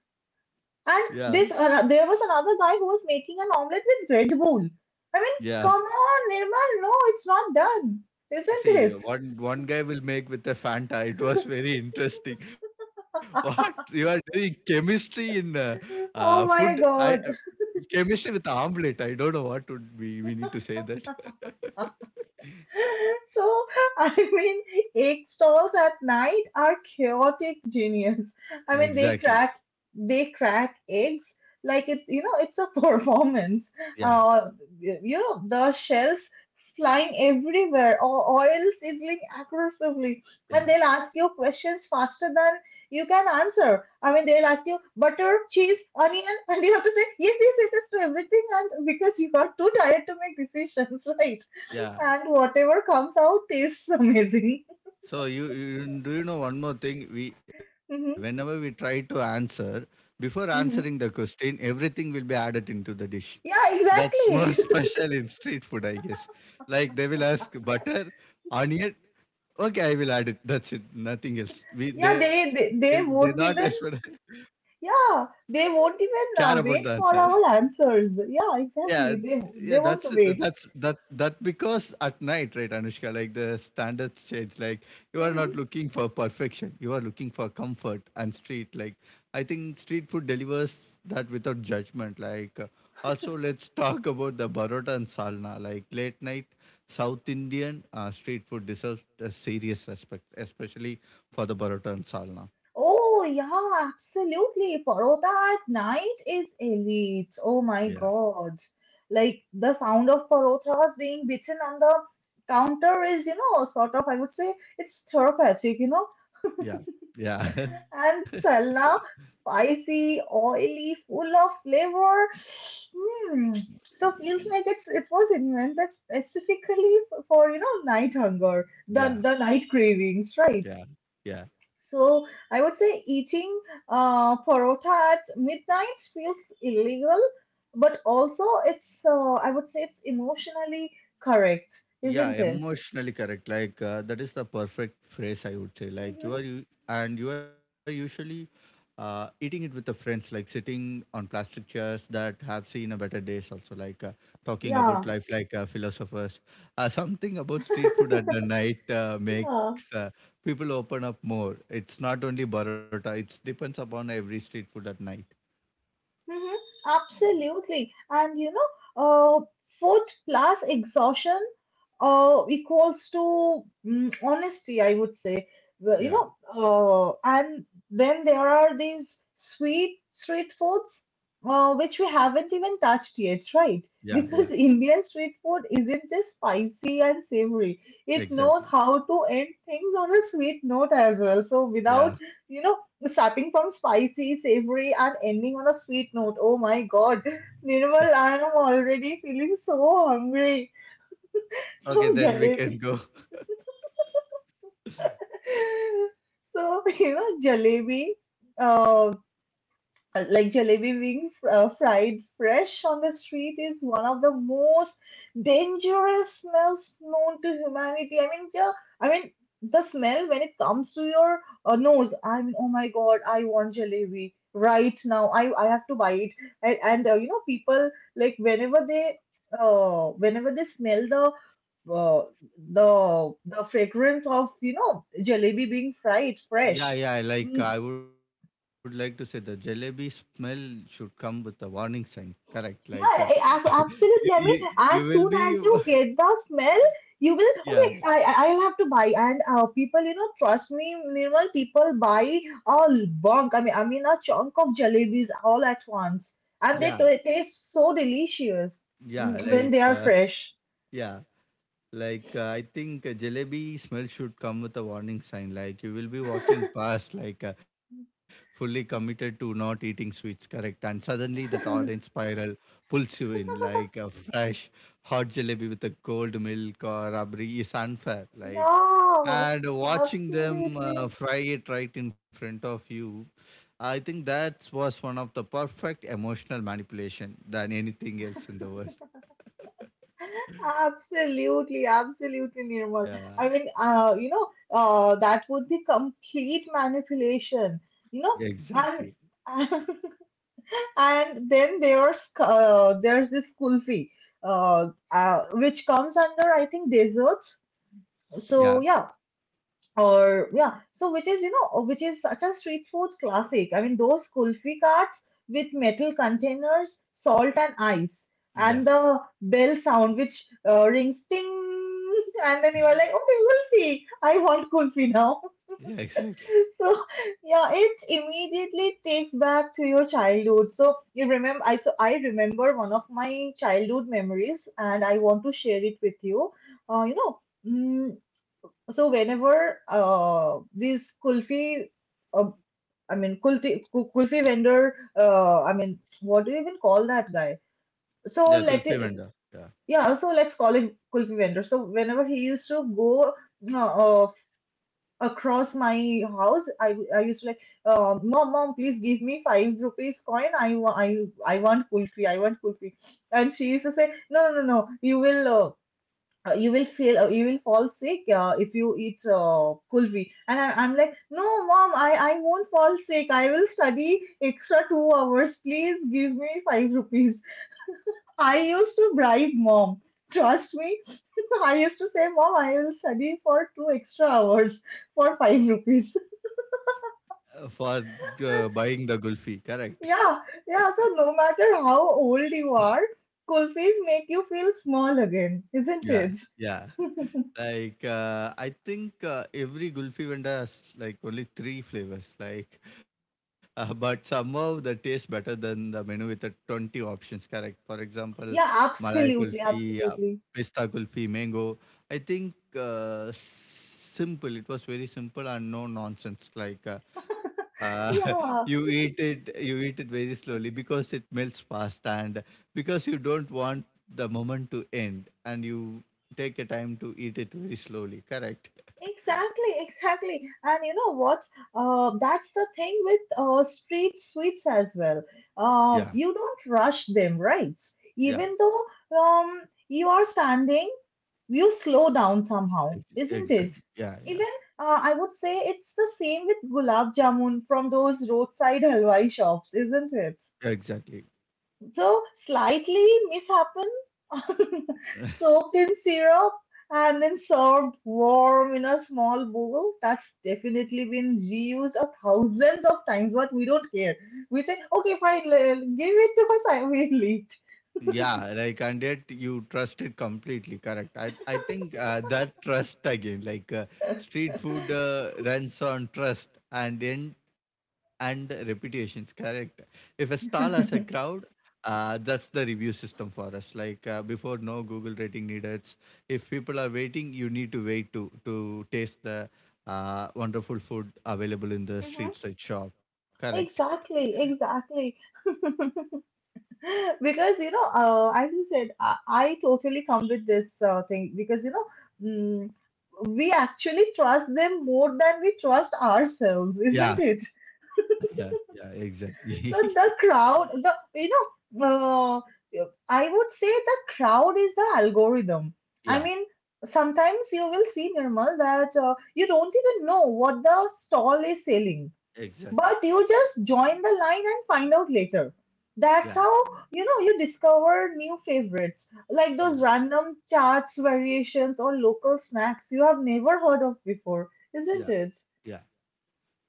(laughs) Yeah. And this, there was another guy who was making an omelette with Red Bull. I mean, Yeah. come on, Nirmal, no, it's not done, isn't See, it? one one guy will make with a Fanta. It was very interesting. (laughs) What you are doing, chemistry in food? Oh I my God. Chemistry with the omelette. I don't know what would we need to say that. (laughs) (laughs) So, I mean, egg stalls at night are chaotic genius. I mean, Exactly. They crack eggs like it's, you know, it's a (laughs) performance. Yeah. Uh, you know, the shells flying everywhere, or oil sizzling aggressively, and Yeah. they'll ask you questions faster than you can answer. I mean, they'll ask you butter, cheese, onion, and you have to say yes, yes, yes, yes to everything, and because you got too tired to make decisions, (laughs) right? Yeah. And whatever comes out tastes amazing. So you do you know one more thing? We (laughs) Whenever Hmm. we try to answer, before answering the Hmm. question, everything will be added into the dish. Yeah, That's more (laughs) exactly. special in street food, I guess. Like they will ask butter, onion. Okay, I will add it. That's it. Nothing else. We (laughs) Yeah, they not they expect won't even, yeah, they (laughs) won't care even about the answer. wait for our answers. Yeah, Yeah, exactly. Yeah, They won't wait. That because at night, right, Anushka, like the standards change. Like you are not Hmm. looking for perfection, you are looking for comfort and street. Like I think street food delivers that without judgment. Also, let's (laughs) talk about the barota and salna. Like late night South Indian street food deserves a serious respect, especially for the barota and salna. Oh yeah, absolutely. Parota at night is elite. Oh Yeah, my god, like the sound of parotas being beaten on the counter is sort of I would say it's therapeutic. Yeah, yeah. And salna, spicy, oily, full of flavor. Hmm. So feels like it was invented specifically for night hunger, the (laughs) the night cravings, right? Yeah, yeah. So I would say eating parota at midnight feels illegal, but also it's I would say it's emotionally correct, Yeah, isn't it? emotionally correct. That is the perfect phrase I would say. Like you Hmm. are you and you are usually eating it with the friends, like sitting on plastic chairs that have seen a better days. Also, talking about Yeah, life, like philosophers. Something about street food at the night yeah. makes people open up more. It's not only Barotta. It depends upon every street food at night. Mhm, absolutely. And uh, food plus exhaustion equals to honesty, I would say. Well, Yeah, and then there are these sweet street foods which we haven't even touched yet, right? yeah, yeah. Because (laughs) Indian street food isn't just spicy and savory. It knows Exactly. how to end things on a sweet note as well. So, without, Yeah. you know, starting from spicy, savory, and ending on a sweet note. Oh my god, Nirmal, I am already feeling so hungry. So, Okay, then we can jalebi. go. (laughs) So, you know, jalebi. Uh, like jalebi wings fried fresh on the street is one of the most dangerous smells known to humanity. I mean, yeah, I mean the smell when it comes to your nose. I mean, oh my God, I want jalebi right now. I have to buy it. And you know, people like whenever they smell the uh, the fragrance of you know jalebi being fried Yeah, fresh. yeah. Like Mm. I would like to say, the jalebi smell should come with a warning sign. Correct. Yeah, (laughs) I- you, I- absolutely. I mean, you will as be. soon as (laughs) you get the smell, you will Yeah, okay. I'll have to buy, and people, you know, trust me, Nirmal, people buy a bunk. I mean, a chunk of jalebis all at once, and they yeah, t- taste so delicious yeah. when they are fresh. Yeah. Like, I think jalebi smell should come with a warning sign. Like, you will be walking (laughs) past, like, fully committed to not eating sweets, correct? And suddenly that orange spiral pulls you in, like a fresh hot jalebi with a cold milk or rabri is unfair. Like, Yeah, and watching them absolutely. Fry it right in front of you, I think that was one of the perfect emotional manipulation than anything else in the world. Absolutely, absolutely, Nirmal. Yeah, I mean, that would be complete manipulation, you know. exactly. And (laughs) And then there's this kulfi, uh, which comes under I think desserts. So Yeah, yeah, yeah, so which is which is such a street food classic. I mean those kulfi carts with metal containers, salt and ice, yeah. and the bell sound which rings ting, and then you are like, okay, kulfi, I want kulfi now. (laughs) Yeah, exactly. So yeah, it immediately takes back to your childhood. So you remember, I remember one of my childhood memories, and I want to share it with you. Uh, you know. mm, so whenever these kulfi, uh, kulfi vendor, I mean what do you even call that guy? Yeah, So let Gulfi it, vendor. Yeah. yeah. So let's call him kulfi vendor. So whenever he used to go uh, uh, across my house, I used to like, mom, mom, please give me 5 rupees coin. I want kulfi. I want kulfi. And she used to say, no, no, no, no. You will. You will feel, you will fall sick if you eat kulfi. And I'm like, no mom, I won't fall sick, I will study extra 2 hours, please give me five rupees. I used to bribe mom, trust me. (laughs) So I used to say, mom, I will study for 2 extra hours for 5 rupees. For buying the gulfi, (laughs) correct? Yeah, yeah, so no matter how old you are, kulfis make you feel small again, isn't Yeah. it? Yeah. Like, I think every gulfi vendor has like only three flavors, like, (laughs) but somehow the taste better than the menu with the 20 options, correct? For example, Yeah, Malai absolutely, kulfi, absolutely. pista kulfi, mango. I think simple, it was very simple and no nonsense. Uh, Yeah. (laughs) You eat it very slowly because it melts fast and because you don't want the moment to end and you take a time to eat it very slowly, correct? Exactly, exactly. And you know what? That's the thing with street sweets as well. Yeah, You don't rush them, right? yeah, Even though um, you are standing, you slow down somehow, isn't it? exactly. Yeah, yeah, Even, I would say it's the same with gulab jamun from those roadside halwai shops, isn't it? exactly. So slightly mishaps (laughs) soaked in syrup and then served warm in a small bowl. That's definitely been reused a thousands of times, but we don't care. We say, okay, fine, give it to us, I will eat. Yeah, like and yet you trust it completely. Correct. I think that trust again, like street food runs on trust and in and reputations. Correct. If a stall has a crowd, (laughs) that's the review system for us. Before, no Google rating needed. If people are waiting, you need to wait to taste the wonderful food available in the Mhm. street side shop. Correct. Exactly, exactly. (laughs) Because you know, as you said, I totally come with this thing because mm, we actually trust them more than we trust ourselves, isn't Yeah. it? Yeah. Yeah. Exactly. So the crowd, know, I would say the crowd is the algorithm. I (laughs) Yeah. mean, sometimes you will see Nirmal that you don't even know what the stall is selling, Exactly. but you just join the line and find out later. Yeah, That's how you know you discover new favorites, like those yeah, random charts variations or local snacks you have never heard of before, isn't yeah, it? yeah.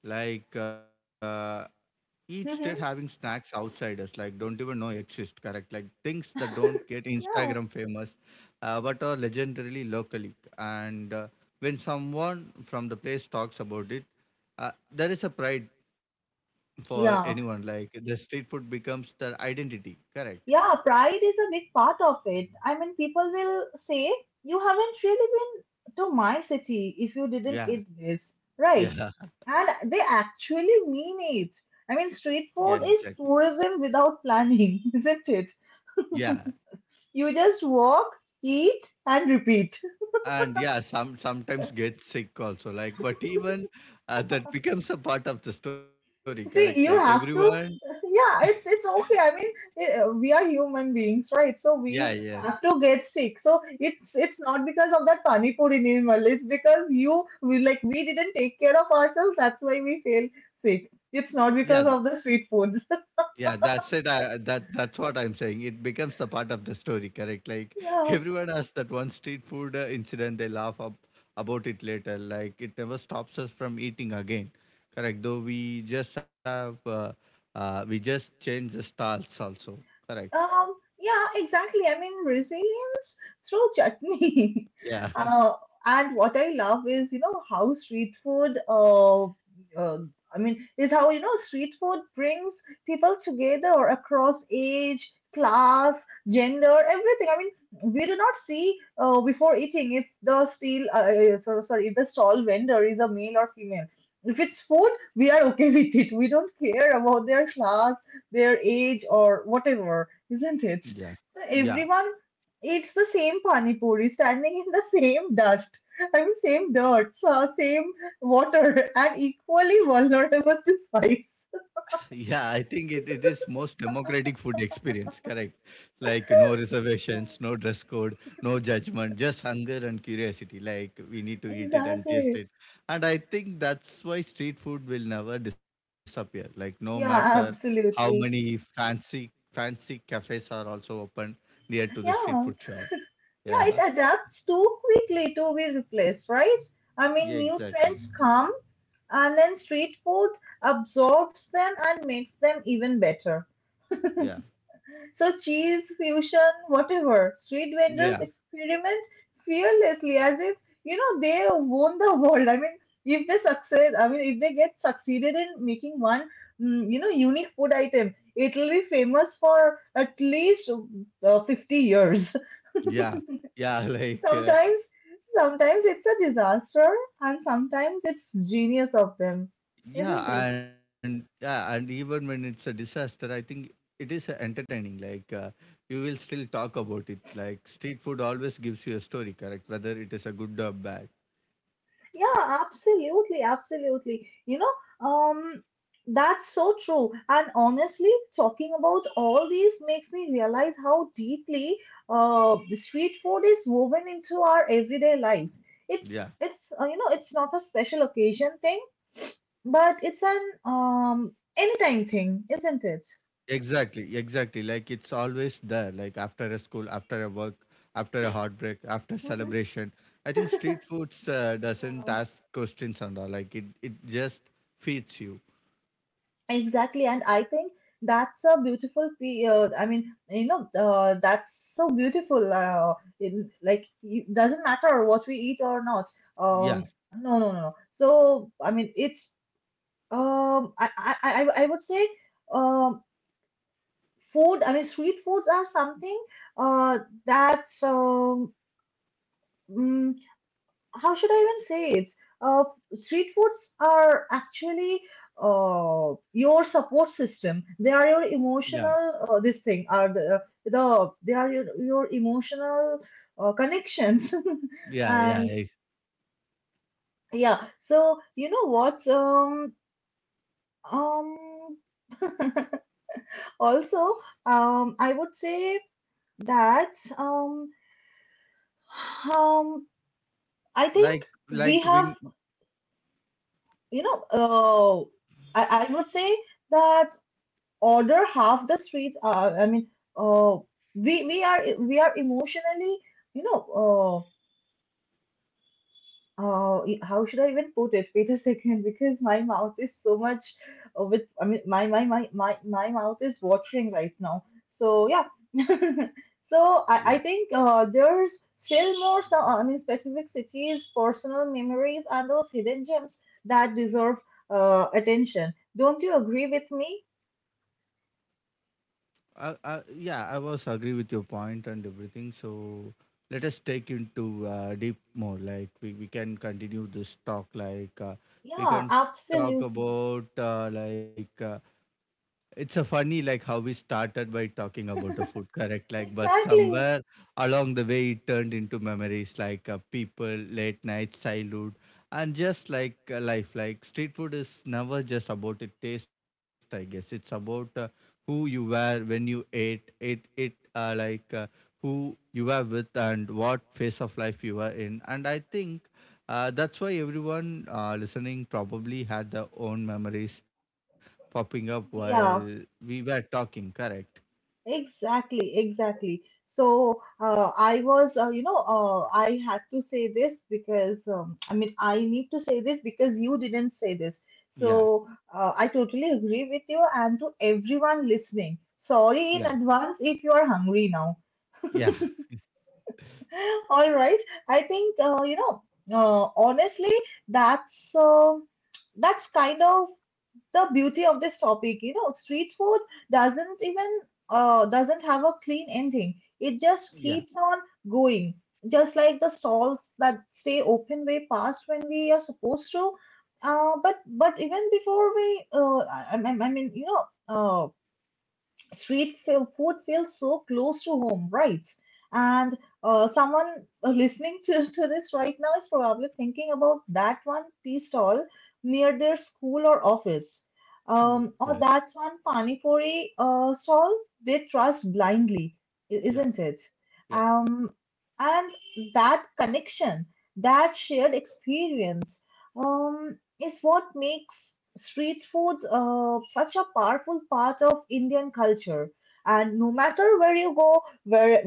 Like each state having Hmm. snacks outsiders like don't even know exist. Correct, like things that don't get (laughs) Instagram Yeah. famous, but are legendarily locally. And when someone from the place talks about it, there is a pride for anyone. Yeah. Like the street food becomes their identity. Correct. Yeah, pride is a big part of it. I mean, people will say, you haven't really been to my city if you didn't Yeah, eat this, right? yeah, (laughs) And they actually mean it. I mean, yeah. street Exactly. food is tourism without planning, (laughs) isn't it? Yeah, You just walk, eat, and repeat. and yeah, some sometimes get sick also. Like, but even that becomes a part of the story, correct? Like See, you everyone, have to, yeah, it's okay. I mean, we are human beings, right? So yeah, we yeah, have to get sick. So it's not because of that pani puri animal. It's because you we like we didn't take care of ourselves. That's why we feel sick. It's not yeah, because of the street foods. (laughs) yeah. That's it. That's what I'm saying. It becomes the part of the story, correct? Like Yeah. everyone has that one street food incident. They laugh up about it later. Like it never stops us from eating again, correct? Though we just have we just change the styles also, correct? Yeah. Exactly. I mean, Rizzy. Through chutney. (laughs) Yeah, Uh, and what I love is, you know, how street food, I mean, is how, you know, street food brings people together across age, class, gender, everything. I mean, we do not see before eating if the steel, sorry, sorry, if the stall vendor is a male or female. If it's food, we are okay (laughs) with it. We don't care about their class, their age, or whatever, isn't it? (laughs) yeah. So Yeah, everyone, it's the same pani puri standing in the same dust. I mean, same dirt, same water, and equally vulnerable to spice. yeah, I think it is most democratic food experience, correct? Like no (laughs) Yeah, reservations, no dress code, no judgment, just hunger and curiosity. Like we need to eat it and taste exactly. it. And I think that's why street food will never disappear. Like no matter Yeah, how many absolutely. fancy cafes are also open near to the street food Yeah, shop. Yeah. yeah, (laughs) it adapts too quickly to be replaced, right? I Yeah, mean, new exactly. trends come and then street food absorbs them and makes them even better. Yeah. So cheese, fusion, whatever. Street Yeah. vendors experiment fearlessly as if, you know, they won the world. I mean, if they succeed, I mean, if they get succeeded in making one, you know, unique food item, it will be famous for at least 50 years. Yeah. Yeah, (laughs) (laughs) Sometimes, sometimes it's a disaster and sometimes it's genius of them, isn't yeah, it? and yeah, and even when it's a disaster, I think it is entertaining. Like you will still talk about it. Like street food always gives you a story, correct? Whether it is a good or bad. Yeah, absolutely, absolutely. You know, that's so true. And honestly, talking about all these makes me realize how deeply the street food is woven into our everyday lives. Yeah, It's You know it's not a special occasion thing, but it's an anytime thing, isn't it? exactly, exactly. Like it's always there. Like after a school, after a work, after a heartbreak, after Hmm. celebration. I think street (laughs) foods doesn't Yeah. ask questions and all. Like it just feeds you. Exactly, and I think that's a beautiful. That's so beautiful. In, like, it doesn't matter what we eat or not. Yeah, Um, no, no, no, no. So, I mean, it's. I would say, um, food. I mean, street foods are something. Uh, that How should I even say it? Uh, Street foods are actually your support system. They are your yeah, emotional. This thing are the they are your emotional connections, (laughs) yeah, yeah. and Eh. yeah. So you know what? Um. Also, I would say that, um, um, I think Like we like have, when. you know I would say that order half the sweets. Uh, we are emotionally, you know how should I even put it, wait a second, because my mouth is so much, with I mean my my my my, my mouth is watering right now, so yeah. (laughs) So Yeah. I think there's still more. So, I mean, specific cities, personal memories, and those hidden gems that deserve attention, don't you agree with me? I, yeah, I was agree with your point and everything. So let us take into deep more. Like we can continue this talk. Like we Yeah, can talk absolutely. about it's a funny like how we started by talking about a food, correct? (laughs) Like but Exactly. somewhere along the way it turned into memories, like people, late nights, childhood, and just like life. Like street food is never just about a taste, I guess. It's about who you were when you ate it, who you were with and what phase of life you were in. And I think that's why everyone listening probably had their own memories popping up while Yeah, we were talking, correct? exactly, exactly. So, I was, you know, I had to say this because, I mean, I need to say this because you didn't say this. Yeah, So, I totally agree with you. And to everyone listening, sorry yeah, in advance if you are hungry now. yeah, (laughs) All right. I think, honestly, that's. That's kind of the beauty of this topic. You know street food doesn't even, doesn't have a clean ending, it just yeah, keeps on going, just like the stalls that stay open way past when we are supposed to. But even before we, I mean you know, uh, food feels so close to home, right? And someone listening to this right now is probably thinking about that one tea stall near their school or office, yeah, or that one panipuri stall they trust blindly, yeah, isn't it? yeah. Um, and that connection, that shared experience Um, is what makes street foods such a powerful part of Indian culture. And no matter where you go, where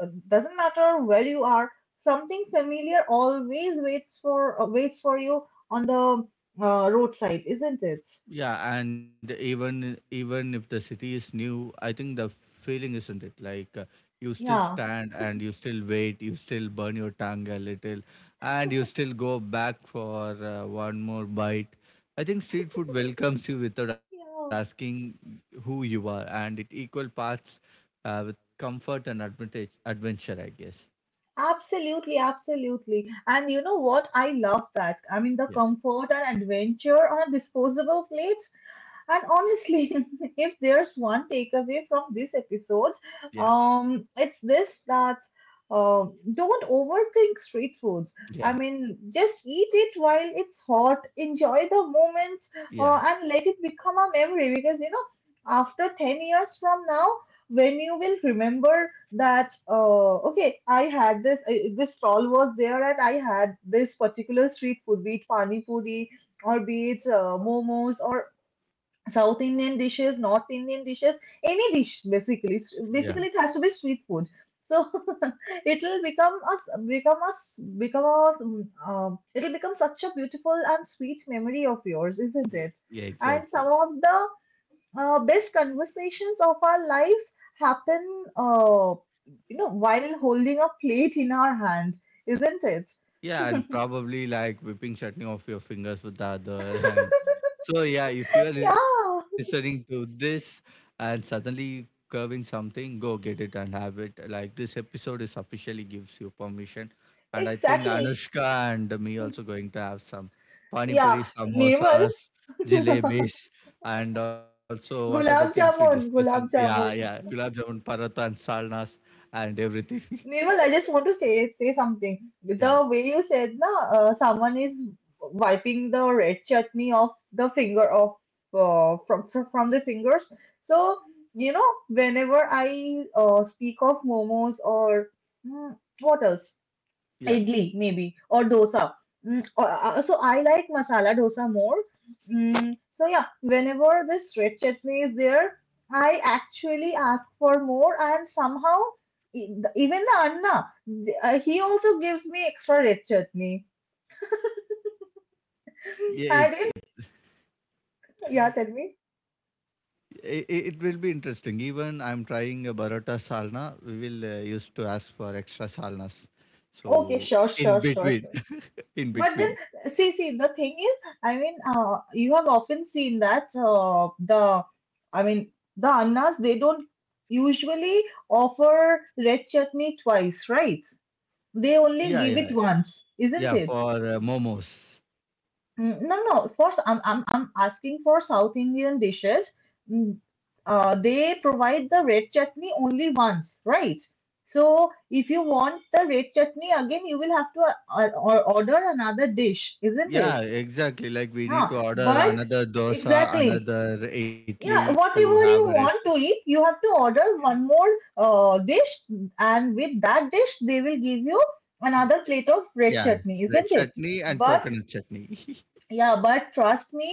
doesn't matter where you are, something familiar always waits for waits for you on the roadside, isn't it? Yeah, and even if the city is new, I think the feeling isn't it, like you still Yeah, stand and you still wait, you still burn your tongue a little, and you still go back for one more bite. I think street food welcomes you without yeah, asking who you are, and it equal parts with comfort and advantage adventure, I guess. absolutely, absolutely. And you know what? I love that. I mean, the Yeah, comfort and adventure on a disposable plate. And honestly, (laughs) if there's one takeaway from this episode, yeah, it's this that uh, don't overthink street food. I yeah, mean, just eat it while it's hot, enjoy the moment, yeah, and let it become a memory. Because, you know, after 10 years from now, when you will remember that, okay, I had this, this stall was there and I had this particular street food, be it pani puri, or be it momos or South Indian dishes, North Indian dishes, any dish basically. Yeah, Basically, it has to be street food. So (laughs) it'll become us become us become us it'll become such a beautiful and sweet memory of yours, isn't it? yeah, And some exactly. of the best conversations of our lives happen, uh, you know, while holding a plate in our hand, isn't it? Yeah, and probably like whipping chutney off your fingers with the other (laughs) hand. (laughs) So yeah, if you are listening Yeah, to this and suddenly curving something, go get it and have it. Like this episode is officially gives you permission. And I think exactly. Anushka and me also going to have some Yeah, panipuri, Nirmal, samosas, jalebis, and also what are the things we discuss in, gulab yeah, yeah, jamun. gulab jamun, paratha, and salnas and everything. Nirmal, I just want to say something. (laughs) Yeah, The way you said, na, someone is wiping the red chutney off the finger of from the fingers. So you know, whenever I speak of momos or hmm, what else? yeah. Idli maybe or dosa. So I like masala dosa more. Mm, so yeah, whenever this red chutney is there, I actually ask for more, and somehow e- even the Anna, he also gives me extra red chutney. I Yeah, did. it's Yeah, tell me. it will be interesting. Even I'm trying a Barotta Salna. We will used to ask for extra Salnas. Okay, So sure, in sure, sure, between, sure. (laughs) in But between. then, the thing is, I mean, you have often seen that I mean, the annas they don't usually offer red chutney twice, right? They only Yeah, give it yeah, once, isn't yeah. it? For momos. Mm, no, no. I'm, I'm asking for South Indian dishes. Mm, uh, they provide the red chutney only once, right? So if you want the red chutney again, you will have to order another dish, isn't it? Yeah, exactly. Like we need Ah, to order but another dosa, exactly. another idli Yeah, to whatever have a you red. want to eat, you have to order one more dish, and with that dish, they will give you another plate of red Yeah, chutney, isn't red it? chutney and But coconut chutney. yeah, but trust me,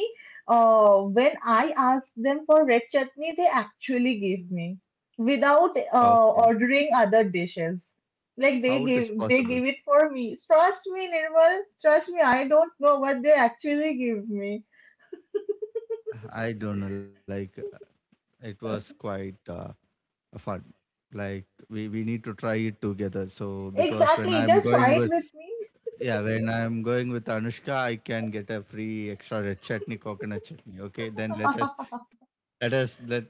when I ask them for red chutney, they actually give me (laughs) without Okay, ordering other dishes. Like how it they is give they possible? give it for me. Trust me, Nirmal. Trust me, I don't know what they actually give me. I don't know. Like it was quite fun. Like we need to try it together. So because when Exactly, I'm just going try it with, with me. yeah, when I'm going with Anushka, I can get a free extra red chutney, coconut chutney. Okay, then let us (laughs) let us let we both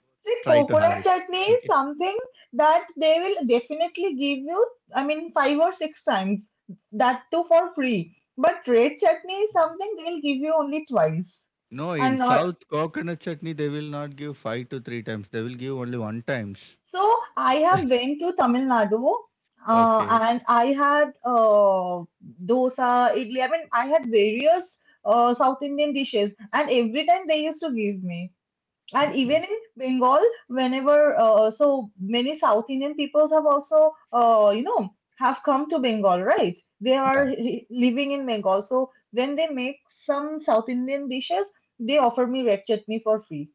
try to See, have it. coconut Okay, chutney is something that they will definitely give you, I mean, five or six times, that too for free. But red chutney is something they'll give you only twice. no, in And not south coconut chutney they will not give five to three times, they will give only one times. so I have went to Tamil Nadu Okay, and I had dosa, idli. I mean, I had various South Indian dishes, and every time they used to give me. And okay, even in Bengal, whenever so many South Indian peoples have also you know have come to Bengal, right? They are yeah, living in Bengal, so when they make some South Indian dishes, they offer me red chutney for free.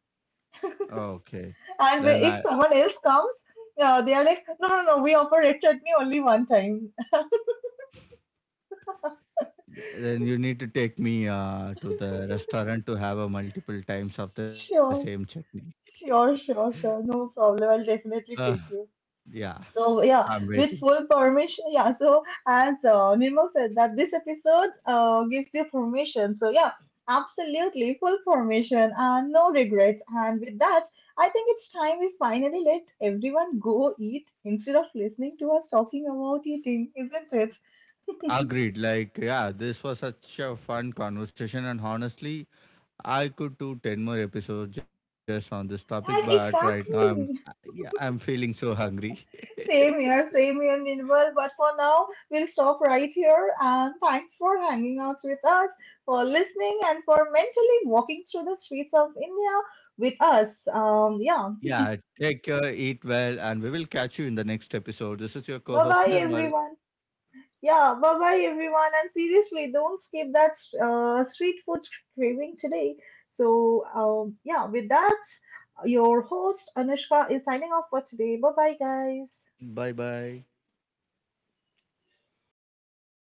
okay, And then i if someone else comes, they are like, no, no, no, we offer red chutney only one time. (laughs) then you need to take me to the restaurant to have a multiple times of the same Sure, chutney. sure, sure, sure. No problem. I'll uh, definitely take you. yeah, So yeah, I'm with waiting. full permission, yeah. So as Nirmal said, that this episode gives you permission. So yeah, absolutely full permission and no regrets. And with that, I think it's time we finally let everyone go eat instead of listening to us talking about eating, isn't it? Agreed. Like, yeah, this was such a fun conversation, and honestly, I could do 10 more episodes just on this topic. But And right now, I'm, exactly. yeah, I'm feeling so hungry. (laughs) Same here, Nirmal. But for now, we'll stop right here. And thanks for hanging out with us, for listening, and for mentally walking through the streets of India with us. Yeah. Yeah, take care, eat well, and we will catch you in the next episode. This is your Bye co-host bye, Nirmal. everyone. Yeah, bye bye, everyone. And seriously, don't skip that street food craving today. So, yeah, with that, your host Anushka is signing off for today. Bye bye, guys. Bye bye.